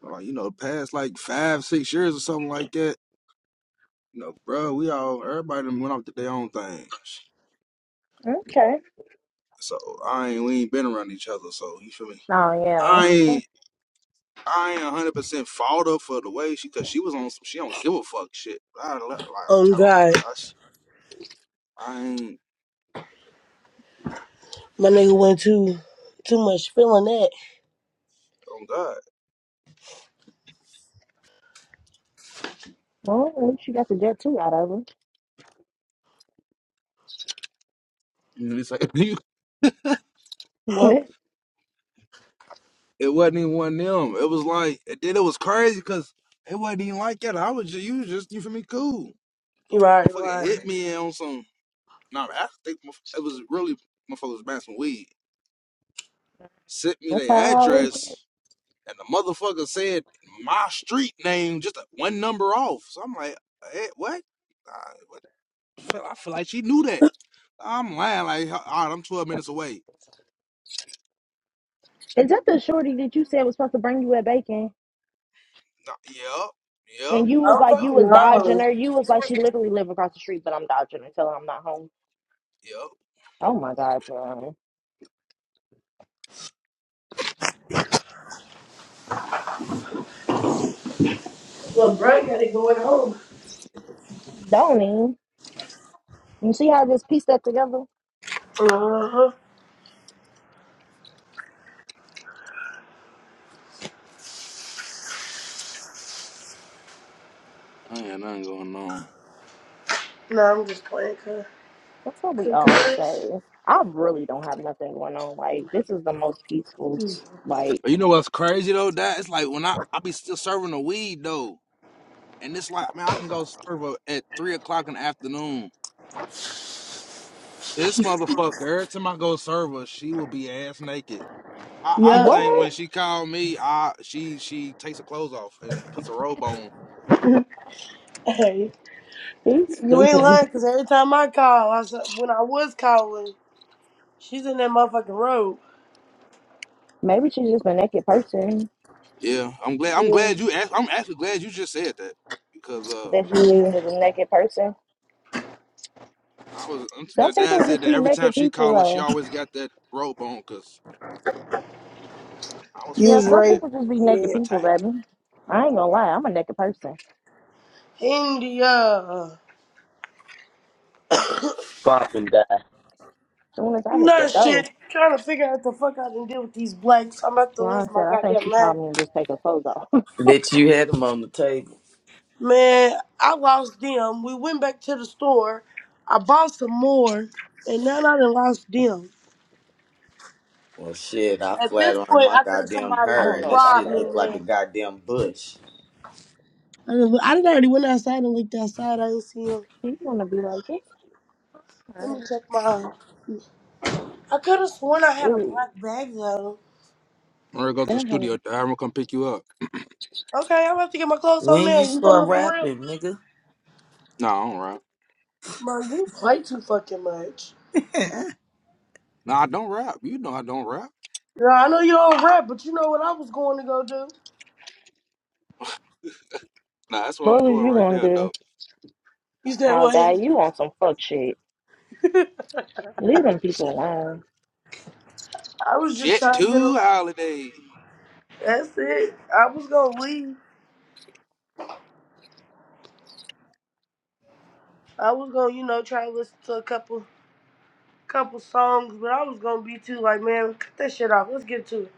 B: like you know, past like five, six years or something like that. You know, bro, we all everybody done went off to their own things.
G: okay.
B: So I ain't we ain't been around each other. So you feel me?
G: Oh yeah.
B: I ain't. I ain't one hundred percent fault her for the way she, cause she was on some, she don't give a fuck shit. I, like I'm
A: Oh
B: telling
A: God,
B: like us, I ain't
A: my nigga went too too much feeling
B: on God.
G: Well, at least you got the jet too out of her.
B: You know, it's like you,
A: that.
G: What?
B: it wasn't even one of them. It was like, and then it was crazy, cause it wasn't even like that. I was just, you was just, you feel me, cool.
A: right,
B: Motherfucker hit
A: right.
B: me on some. Nah, I think motherf- it was really motherfuckers was buying some weed. Sent me
G: That's how
B: their
G: I always.
B: address, and the motherfucker said my street name just one number off. So I'm like, eh, what? feel, I feel like she knew that. I'm lying. Like, all right, I'm 12 minutes away.
G: Is that the shorty that you said was supposed to bring you at bacon?
B: Nah, Yep, yep,
G: And you was
A: I'm
G: like, you
A: fucking
B: yep,
G: was dodging
A: hollering.
G: her. You was like, she literally live across the street, but I'm dodging her, telling her I'm not home.
B: yep.
G: Oh my God, John.
A: Well, Brian got it going home.
G: Don't even. You see how this pieced up together?
A: Uh huh.
B: I ain't got nothing going on.
A: Nah, I'm just playing, cause,
G: That's what we
A: cause,
G: all
A: cause.
G: say. I really don't have nothing going on. Like, this is the most peaceful. Like,
B: But you know what's crazy though? That it's like when I I be still serving the weed though, and it's like man, I can go serve her at three o'clock in the afternoon. This
A: Excuse
B: motherfucker, every time I go serve her, she will be ass naked. I,
A: me.
B: I
A: Yep.
B: think when
G: what?
B: she called me, I she she takes her clothes off and puts a robe on.
A: Hey,
G: She's
A: you ain't
G: stupid.
A: lying, cause every time I call, I said when I was calling, she's in that motherfucking road.
G: Maybe she's just a naked person.
B: Yeah, I'm glad. I'm
A: Yeah,
B: glad you. asked I'm actually glad you just said that because uh.
G: That she's just
A: yeah.
G: a naked person.
B: I was. um,
G: Some
B: dad
G: people
B: said
G: just
B: that
G: be
B: every time
G: naked
B: she
G: people,
B: called us, she
G: though.
B: always got that rope on because I was
A: You
G: Yeah,
A: was
B: feeling a
G: some
A: right.
B: bit
G: people just be naked
A: Yeah.
G: people,
B: attacked.
G: baby. I ain't gonna lie, I'm a naked person.
A: India.
H: Pop that,
G: soon as I hit
A: Nah,
G: the door,
A: shit. Trying to figure out the fuck I can do with these blanks. I'm about to lose
G: Sharon
A: my
G: said, I think
A: goddamn
G: she
A: mind.
G: called me and just take her clothes off.
H: Bitch, you had him on the table.
A: Man, I lost them. We went back to the store. I bought some more, and now I done lost them.
H: Well, shit, I
A: At this
H: flatlined
A: point,
H: my
A: I think
H: goddamn
A: somebody
G: I
H: hair,
G: don't
H: and
A: just
G: know
H: that
G: about
A: robbed
H: shit
A: me,
H: looked
G: that.
H: like a
A: man.
H: goddamn bush.
A: I done, I done already went outside and looked outside. I didn't see him.
G: She's gonna be like, this
A: Let me
G: alright.
A: check my. I could have sworn I had a
G: Ooh,
A: black bag though.
B: I'm gonna go to the
G: damn.
B: studio. I'm gonna come pick you up.
A: Okay, I'm about to get my clothes on
H: When
A: now.
H: you
A: You
H: start
A: coming for real?
H: rapping, nigga?
B: No, I don't rap.
A: Bro, you play too fucking much.
B: No, I don't rap. You know I don't rap.
A: Yeah, I know you don't rap, but you know what I was going to go do?
B: Nah, that's where I'm
G: What was
B: going
G: you
B: right
G: gonna
B: there
G: do?
B: though.
A: You said
G: I'll die.
A: what?
G: You want some fuck shit. Leave them people alone.
A: I was just
B: Jet
A: trying to get a.
B: two holiday.
A: That's it. I was gonna leave. I was gonna, you know, try to listen to a couple, couple songs, but I was gonna be too like, man, cut that shit off. Let's get to it.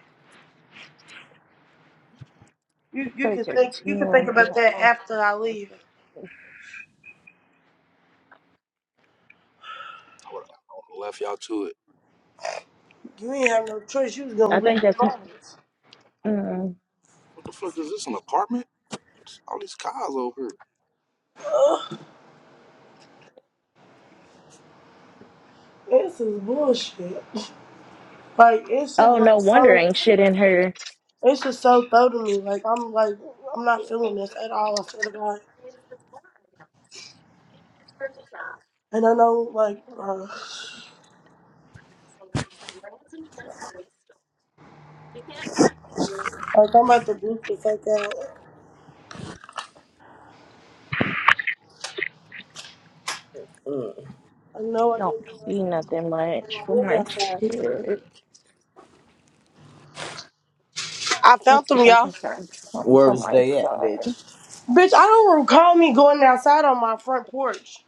A: You,
G: You
A: you can
G: such a
A: think, you
G: teen.
A: can
G: I
A: think about
G: don't
A: that
G: know.
A: after I leave.
B: I would have left y'all to it.
A: You ain't have no choice. You was gonna
G: I
A: leave.
G: think that's.
A: regardless.
G: Mm.
B: What the fuck is this? An apartment? All these cars over here.
A: Ugh, this is bullshit. Like this is
G: Oh, no
A: like
G: wonder
A: so.
G: ain't shit in her.
A: This is so throw to me. Like I'm like I'm not feeling this at all. I swear to God. And I know, like, uh, like I'm about to boot the fuck out. I know
G: I
A: I
G: don't
A: didn't do
G: see nothing much
A: nothing.
G: for
A: Where's
G: my
A: outside?
G: kids.
A: I found
G: Let's see
A: them,
G: if I
A: y'all.
G: can find some
H: Where
G: for
H: was
G: my
H: they at, bitch?
G: son.
A: Bitch, I don't recall me going outside on my front porch.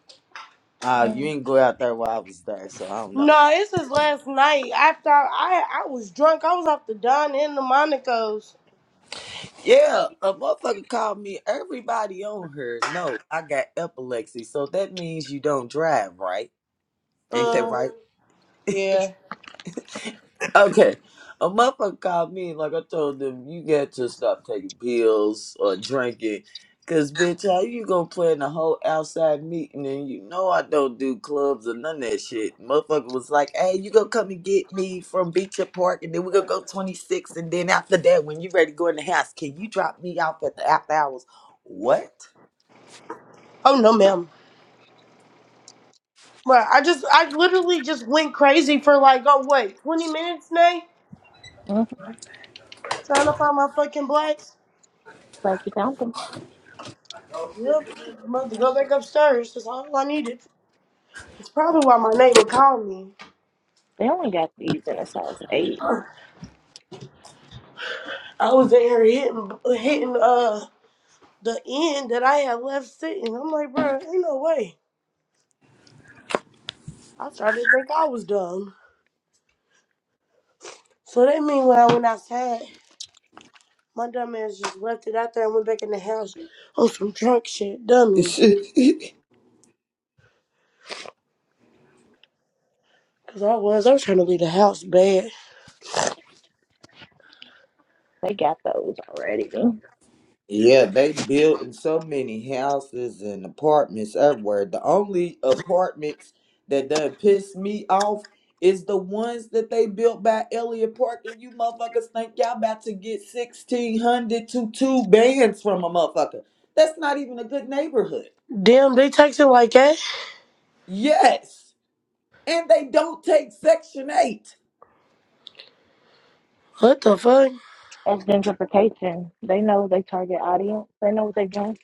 H: Uh, you
G: Mm,
H: didn't go out there while I was there, so I don't know.
A: No, this is last night. After I, I, I was drunk. I was off the Don and the Monaco's.
H: Yeah, a motherfucker called me. Everybody on her. No, I got epilepsy, so that means you don't drive, right? Ain't that
A: Uh,
H: right?
A: yeah.
H: Okay. A motherfucker called me and like I told them, you got to stop taking pills or drinking. Cause bitch, how you gonna plan a whole outside meeting and you know I don't do clubs or none of that shit. Motherfucker was like, Hey, you gonna come and get me from Beecher Park and then we gonna go twenty six and then after that when you ready to go in the house, can you drop me off at the after hours? What?
A: Oh no, ma'am. Right. I just, I literally just went crazy for like, oh wait, twenty minutes, Nay,
G: mm,
A: trying to find my fucking blacks.
G: Glad you found them.
A: Yep. I'm about to go back upstairs. That's all I needed. It's probably why my neighbor called me.
G: They only got these in a size eight.
A: I was there hitting, hitting uh the end that I had left sitting. I'm like, bro, ain't no way. I started to think I was dumb. So that mean when I went outside, my dumb ass just left it out there and went back in the house on some drunk shit, dummy. Cause I was, I was trying to leave the house bad.
G: They got those already.
H: Yeah, they built in so many houses and apartments everywhere. The only apartments that done piss me off is the ones that they built by Elliot Park, and you motherfuckers think y'all about to get sixteen hundred to two bands from a motherfucker. That's not even a good neighborhood.
A: Damn, they texting like that?
H: Yes, and they don't take Section Eight.
A: What the fuck?
G: As gentrification, they know they target audience. They know what they're doing.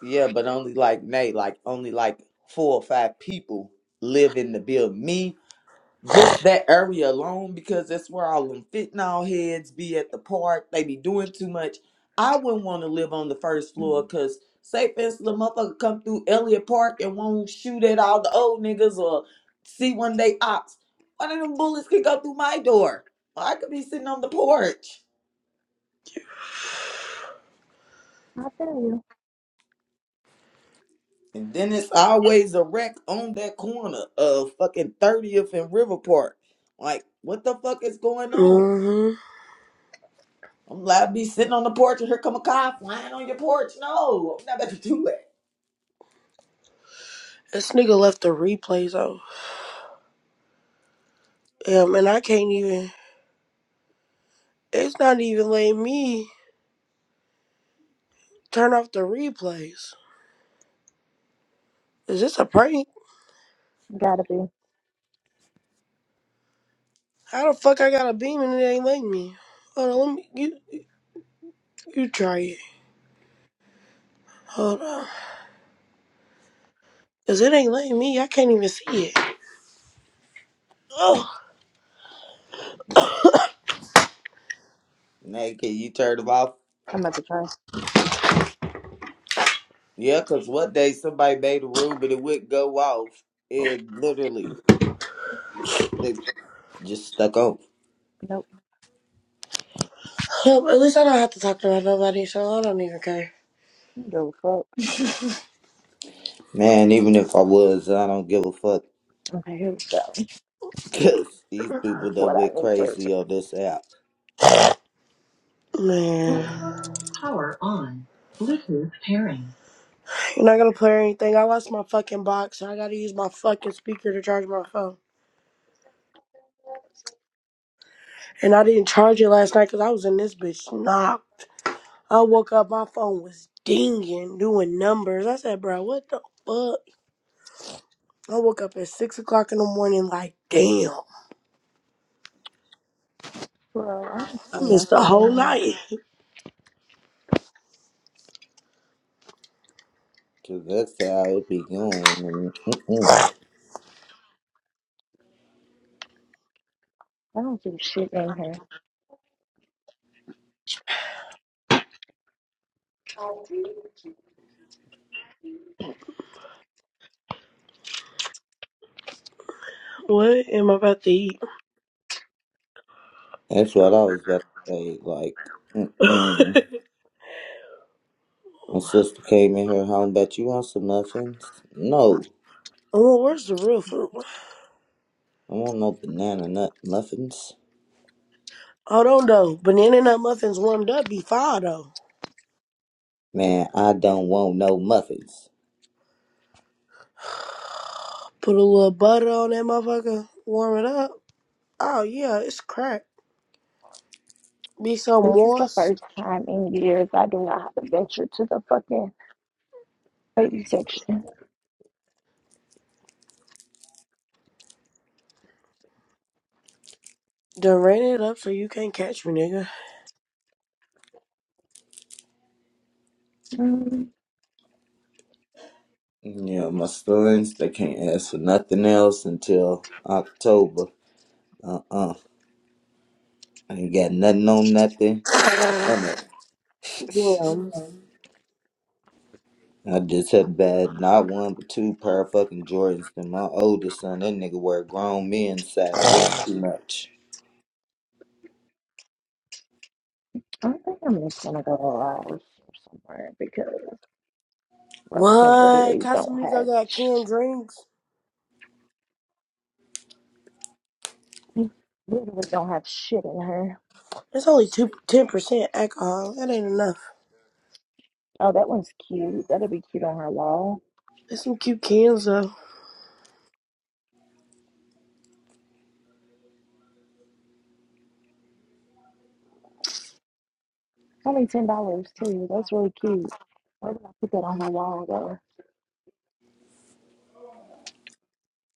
H: Yeah, but only like Nate, like only like four or five people live in the building. Me just that area alone because that's where all them fentanyl heads be at the park. They be doing too much. I wouldn't want to live on the first floor because say for instance the motherfucker come through Elliott Park and won't shoot at all the old niggas or see one day ops. One of them bullets could go through my door. I could be sitting on the porch.
G: I feel you.
H: And then it's always a wreck on that corner of fucking 30th and River Park. Like, what the fuck is going on?
A: Mm-hmm.
H: I'm allowed to be sitting on the porch and here come a car flying on your porch. No, I'm not about to do that.
A: This nigga left the replays off. Damn, and I can't even. It's not even letting me turn off the replays. Is this a prank?
G: Gotta be.
A: How the fuck I got a beam and it ain't letting me? Hold on, let me you you try it. Hold on. Cause it ain't letting me. I can't even see it. Oh,
H: Naked, you turned them off.
G: I'm about to try.
H: Yeah, because one day somebody made a room and it would go off. It literally, they just stuck on.
G: Nope.
A: well, at least I don't have to talk about nobody, so I don't even care.
G: Go fuck.
H: Man, even if I was, I don't give a fuck.
G: Okay, here we go.
H: Because these people that
G: What I
H: went
G: need for you.
H: crazy on this app.
A: Man, you're not gonna play or anything. I lost my fucking box, so I gotta use my fucking speaker to charge my phone. And I didn't charge it last night because I was in this bitch knocked. I woke up, my phone was dinging, doing numbers. I said, bro, what the fuck? I woke up at six o'clock in the morning, like, damn.
G: Well, I don't see
A: I missed the
G: nothing
A: whole
G: in here.
A: night.
H: Because that's how it be going. And, mm-mm.
G: I don't see shit in here.
A: What am I about to eat?
H: That's what I was about to say. Like, mm-mm.
A: oh,
H: my sister came in here home, bet you want some muffins? No.
A: where's the real food?
H: I want no banana nut muffins.
A: I don't know. Banana nut muffins warmed up be fire though.
H: Man, I don't want no muffins.
A: Put a little butter on that motherfucker. Warm it up. Oh yeah, it's crack. Be so
G: This is the first
A: moist.
G: time in years I do not have to venture to the fucking baby section.
A: Then rain it up so you can't catch me, nigga.
G: Mm-hmm.
H: Yeah, my sons, they can't ask for nothing else until October. Uh uh I ain't got nothing on nothing. None of it.
A: Damn.
H: I just had bad not one but two pair of fucking Jordans. And my oldest son, that nigga wear grown men size. That's too much.
G: I think I'm just gonna go to Laos or somewhere because those in
A: What?
G: literally don't
A: Casamigos
G: have
A: got canned drinks.
G: we literally don't have shit in her.
A: It's only two ten percent alcohol. That ain't enough.
G: Oh, that one's cute. That'll be cute on her wall.
A: There's some cute cans though.
G: It's only ten dollars too. That's really cute. Where did I put that on my wall though?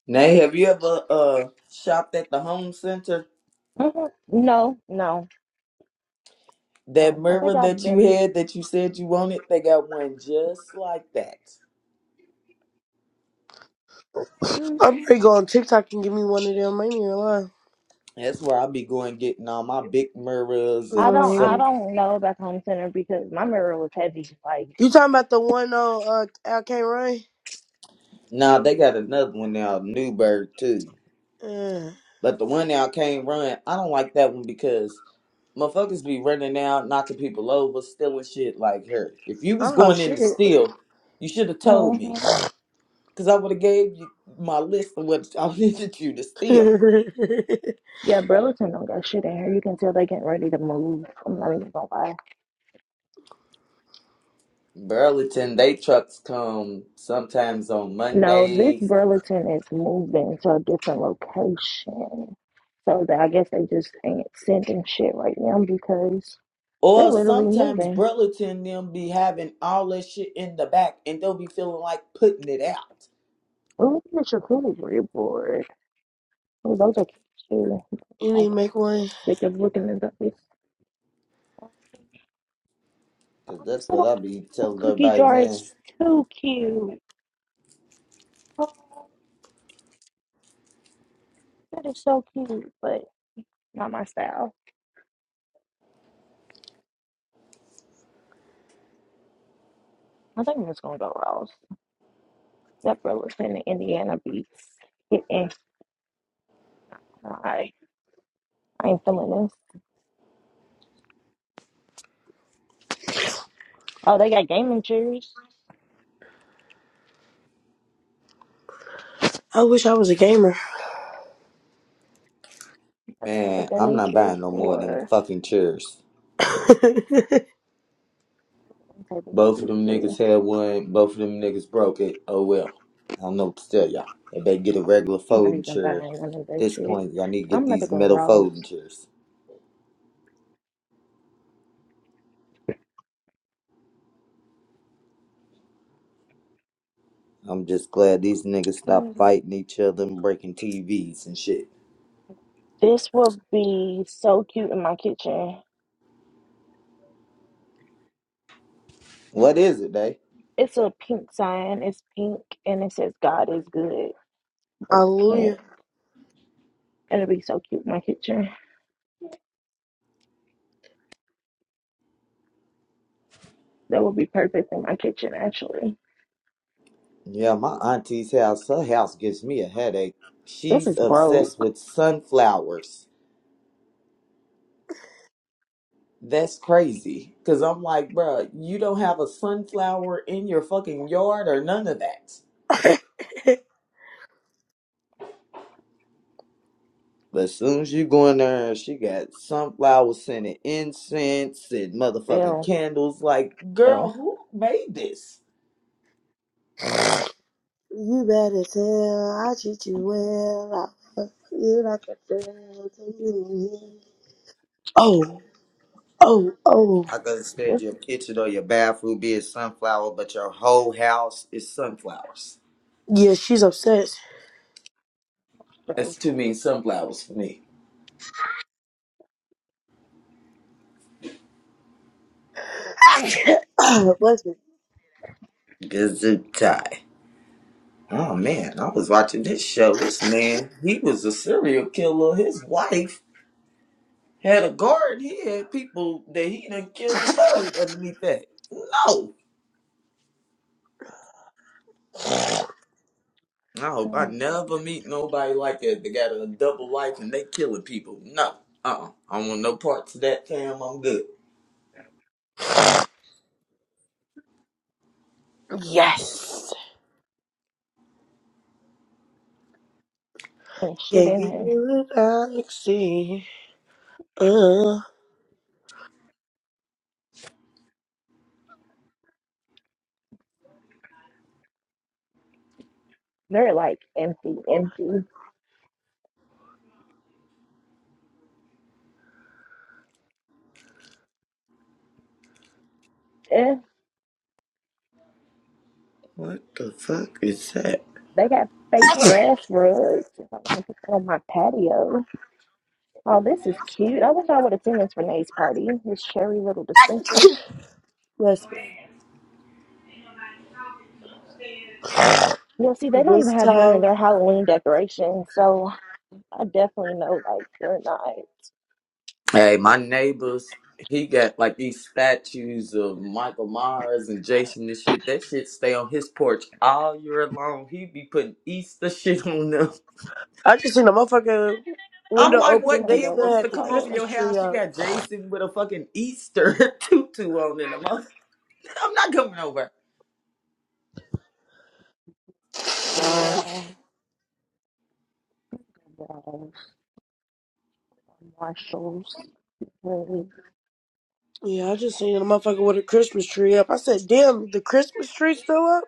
H: Nay, have you ever uh shopped at the home center?
G: Mhm. No, no,
H: That
G: no. I
H: mirror
G: think I've
H: that you
G: been in.
H: had that you said you wanted, they got one just like that.
G: mm,
A: I'm pretty go on TikTok and give me one of them. I ain't even lying.
H: That's where i be going getting all my big mirrors
G: I
H: and
G: don't. I
A: Um,
H: some.
G: don't know about the home center because my mirror was heavy. Like,
A: you talking about the one on uh, I Can't Run?
H: Now they got another one now, Newberg too.
A: Uh,
H: But the one now can't run. I don't like that one because motherfuckers be running out, knocking people over, stealing shit like her. If you was
A: oh
H: going in
A: shit!
H: to steal, you should have told me,
G: mhm.
H: cause I would have gave you my list of what I needed you to steal.
A: you
G: yeah, Burlington don't got shit in here. You can tell they getting ready to move. I'm not even gonna lie.
H: Burlington, they trucks come sometimes on
G: No, this
H: Mondays,
G: Burlington is moving to a different location. So that I guess they just ain't sending shit right now because they're
H: Or
G: literally
H: sometimes
G: moving.
H: Burlington them be having all that shit in the back and they'll be feeling like putting it out.
G: Ooh, it's your career board. Ooh, those are cute too.
A: need
G: I'm
A: to make one.
G: sick of looking at those.
H: Cause
G: Oh,
H: that's
G: this
H: what
G: little
H: I be
G: apple
H: telling
G: cookie
H: everybody,
G: jar is
H: man.
G: too cute. Oh, that is so cute, but not my style. I think I'm just gonna go Ross. That Burlington, Indiana beats. Get in. I I ain't feeling this. Oh, they got gaming chairs.
A: I wish I was a gamer.
G: I think I got a
H: Man, I'm
G: gaming
H: not
G: chair
H: buying no more of them
G: for
H: fucking chairs.
G: the table's
H: Both of
G: cute
H: them
G: too.
H: niggas had one, both of them niggas broke it. Oh well. I don't know what to tell y'all. If they get a
G: I'm
H: regular
G: not
H: folding
G: even
H: chair, at
G: buying one of that
H: this
G: shit.
H: point y'all need to get
G: I'm about to
H: these
G: go
H: metal
G: Ross.
H: folding chairs. I'm just glad these niggas stopped fighting each other and breaking TVs and shit.
G: This will be so cute in my kitchen.
H: What is it, they?
G: It's a pink sign. It's pink and it says God is good, but it's pink.
A: Hallelujah.
G: It'll be so cute in my kitchen. That would be perfect in my kitchen actually.
H: Yeah, my auntie's house, her house gives me a headache.
G: This
H: She's
G: is broke.
H: obsessed with sunflowers. That's crazy. Cause I'm like, bruh, you don't have a sunflower in your fucking yard or none of that. But as soon as you go in there, she got sunflower scented incense and motherfucking
G: Ew,
H: candles. Like,
G: ew.
H: girl, who made this?
A: you bad as hell. I treat you well. I you like a friend. Take you in here. Oh, oh, oh.
H: I could have said
G: This
H: your
G: is
H: kitchen or your bathroom being sunflower, but your whole house is sunflowers.
A: Yeah, she's obsessed.
G: gross.
H: That's too many sunflowers for me.
A: Bless me.
H: Gazutai. Oh man, I was watching this show. This man, he was a serial killer. His wife had a garden. He had people that he done killed and buried underneath that. No. I hope I
G: Mm,
H: never meet nobody like that They got a double life and they killing people. No. Uh-uh. I don't want no parts of that, fam. I'm good.
A: Yes.
G: And shit
A: Can't
G: in
A: get
G: here.
A: you without a see. Uh.
G: They're like empty, empty. Eh,
H: What the fuck is that?
G: They got fake grass rugs. If I want to put that on my patio. Oh, this is cute. I wish I would have seen this Renee's party. This cherry little dispenser.
A: Bless me.
G: You know, see, they don't
A: This
G: even have none of
A: time,
G: their Halloween decorations, so I definitely know like they're not.
H: Hey, my neighbors, he got like these statues of Michael Myers and Jason and shit. That shit stay on his porch all year long. He be putting Easter shit on them.
A: I just seen a motherfucking
H: I'm
A: window
G: I'm
H: like,
G: just
A: open.
H: what
G: gonna
A: They
H: kid
G: go with
A: still
H: wants
G: the
A: had
H: to
A: the
H: come over
G: Apollo.
A: Christmas
H: your
A: tree
H: house? You
A: up.
H: got Jason with a fucking Easter tutu on in the month. I'm not coming over.
G: Yeah, yeah, Marshalls. Really.
A: Yeah, I just seen a motherfucker with a Christmas tree up. I said, damn, the Christmas tree still up?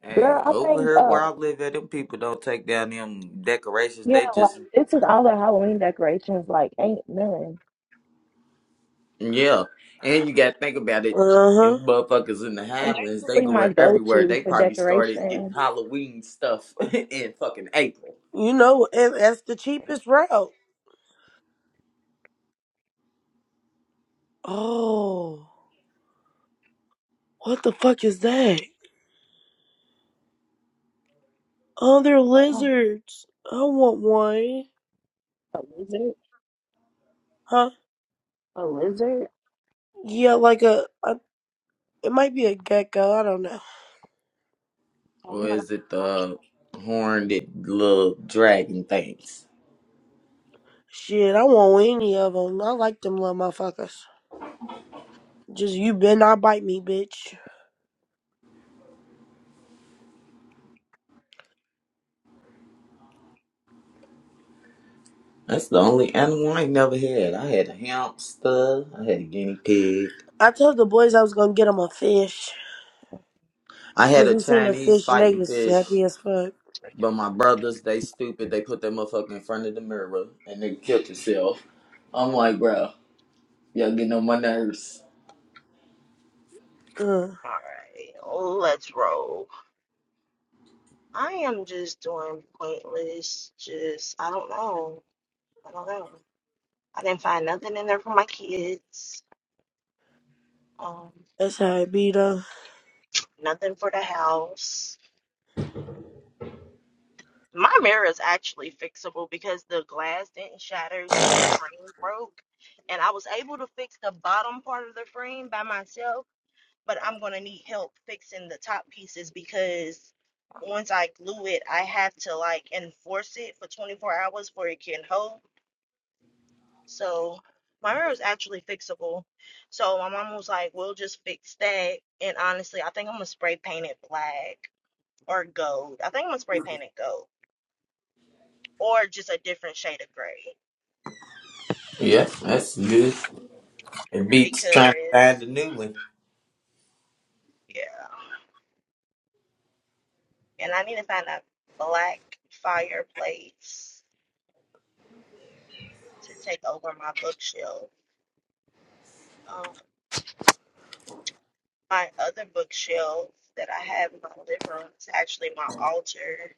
H: Hey,
G: Girl, I
H: over
G: think
H: here
G: uh
H: where I live at, them people don't take down them decorations.
G: yeah,
H: They just
G: like this is all the Halloween decorations, like ain't none.
H: Yeah, and you got to think about it.
A: Uh
H: If
A: huh.
H: motherfuckers in the
G: And
H: Highlands, they
G: they're usually my
H: going
G: go
H: everywhere.
G: to
H: They
G: for
H: probably started getting
G: decorations.
H: Halloween stuff in fucking April,
A: You know, and that's the cheapest route. Oh, what the fuck is that? Oh, they're
G: Oh,
A: lizards. I want one.
G: A lizard?
A: Huh?
G: A lizard?
A: Yeah, like a, a it might be a gecko. I don't know.
H: or
G: I'm gonna.
H: is it the horned little dragon things?
A: Shit, I want any of them. I like them little motherfuckers. Just you better not bite me, bitch.
H: That's the only animal I ain't never had. I had a hamster. I had a guinea pig.
A: I told the boys I was gonna get them a fish.
H: I had
A: Cause
H: a
A: we seen a
H: Chinese
A: fish and they
H: fighting
A: was
H: fish.
A: happy as fuck.
H: But my brothers, they stupid. They put that motherfucker in front of the mirror and they killed himself. I'm like, bro, y'all getting on my nerves.
A: Uh,
G: Alright, let's roll. I am just doing pointless, just, I don't know. I don't know. I didn't find nothing in there for my kids, um,
A: that's how it be though.
G: nothing for the house. My mirror is actually fixable because the glass didn't shatter, just the frame broke. And I was able to fix the bottom part of the frame by myself. but I'm gonna need help fixing the top pieces because once I glue it, I have to like enforce it for 24 hours for it can hold. So my mirror is actually fixable. So my mom was like, "We'll just fix that." And honestly, I think I'm gonna spray paint it black or gold. I think I'm gonna spray paint it gold or just a different shade of gray
H: Yep, that's good. It beats trying to find a
G: because
H: new one.
G: yeah. And I need to find a black fireplace to take over my bookshelf. Um, my other bookshelf that I have in my living room is actually my altar.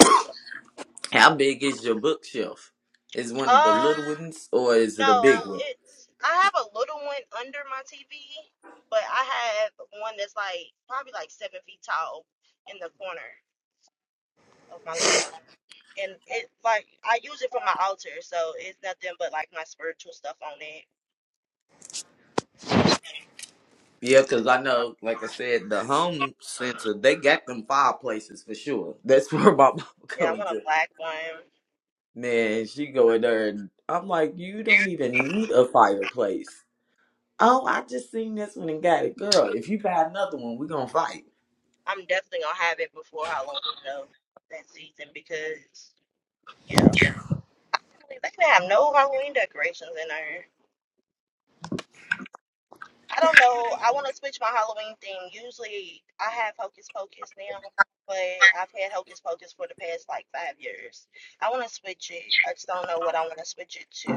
G: So,
H: How big is your bookshelf? Is one of the
G: um,
H: little ones or is it a big
G: no,
H: one?
G: it's I have a little one under my TV, but I have one that's like probably like seven feet tall in the corner of my living room. And it like I use it for my altar, so it's nothing but like my spiritual stuff on it. So
H: Yeah, because I know, like I said, the home center, they got them fireplaces for sure. That's where my mom
G: yeah,
H: go
G: I
H: and
G: want a
H: get.
G: black one.
H: Man, she go in there and I'm like, you don't even need a fireplace. Oh, I just seen this one and got it. Girl, if you buy another one, we going to fight.
G: I'm definitely gonna have it before Halloween though that season because yeah. They can have no Halloween decorations in there. I don't know. I want to switch my Halloween theme. Usually I have Hocus Pocus now, but I've had Hocus Pocus for the past like five years. I want to switch it. I just don't know what I want to switch it to.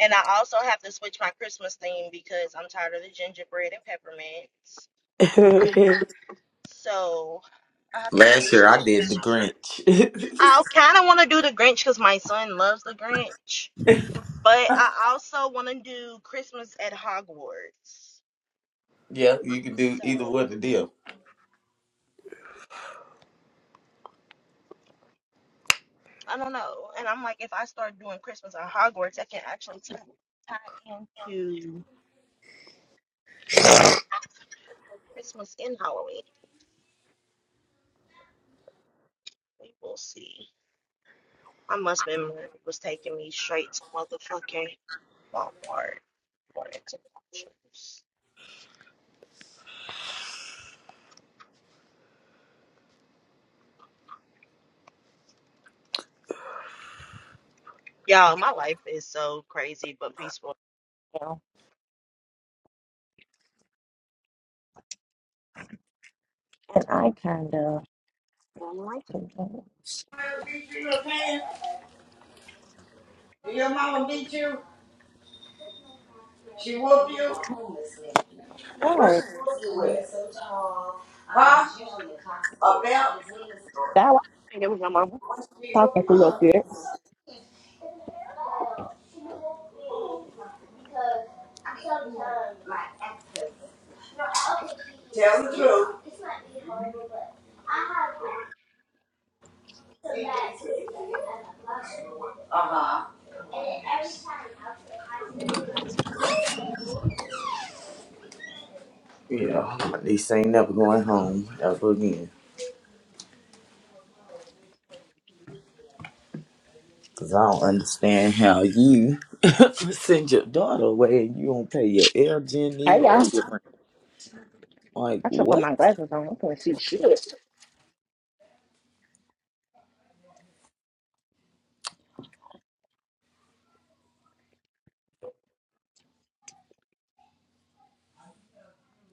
G: And I also have to switch my Christmas theme because I'm tired of the gingerbread and peppermints. So I have to
H: Last
G: switch
H: year I
G: that
H: did the
G: too.
H: Grinch.
G: I kind of want to do the Grinch because my son loves the Grinch, but I also want to do Christmas at Hogwarts.
H: yeah, you can do
G: So
H: either one of them.
G: I don't know. And I'm like, if I start doing Christmas at Hogwarts, I can actually tie, tie into both Christmas and Halloween. We will see. My husband was taking me straight to motherfucking Walmart for interruptions. Y'all, my life is so crazy but peaceful now. And I kind of.
H: beat you in the pants? Did your mama beat you? She whooped you? What
G: Right.
H: she whooped you with? Huh? A belt? She
G: That was talking
H: whooping
G: through your
H: you.
G: beard.
H: Tell the truth. Uh-huh. Yeah, this ain't never going home ever again. Cause I don't understand how you send your daughter away and you don't pay your air, Jenny,
G: Hey,
H: or
G: y'all.
H: your rent. Like
G: I should put
H: what?
G: my glasses on. I can't see shit.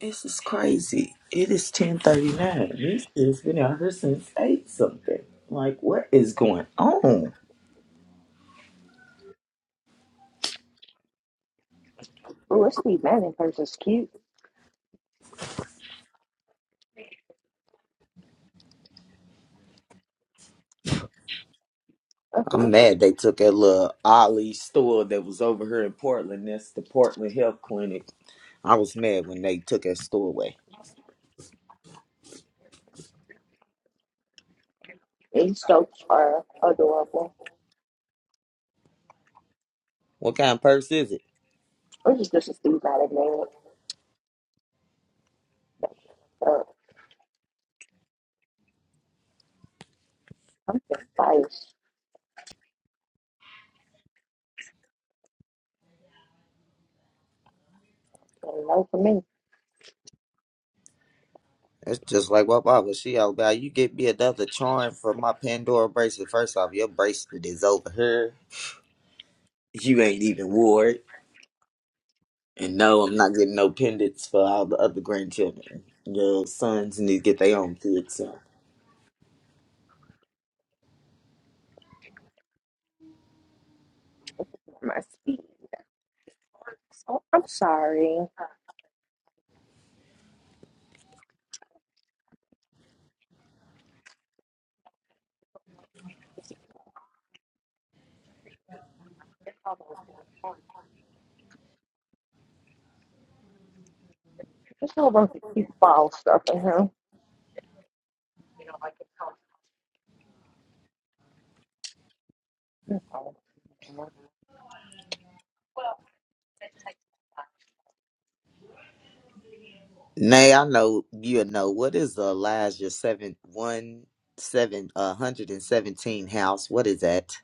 H: This is crazy. It is ten thirty nine. We shit's been out here since eight something. Like what is going on?
G: Ooh, it's Steve Madden person's cute.
H: I'm mad they took that little Ollie store that was over here in Portland. That's the Portland Health Clinic. I was mad when they took that store away.
G: These jokes are adorable.
H: What kind of purse is it?
G: Or just just a Steve Madden name. So I'm just biased. And no for me.
H: It's just like what Bible she out about. You get me another charm for my Pandora bracelet. First off, your bracelet is over here. You ain't even wore it. And no, I'm not getting no pendants for all the other grandchildren. Your sons need to get their own kids. So.
G: I'm, I'm sorry. There's a whole bunch of cute fall stuff in here.
H: Nay, I know you know what is the Elijah seven one seven uh hundred and seventeen house. What is that?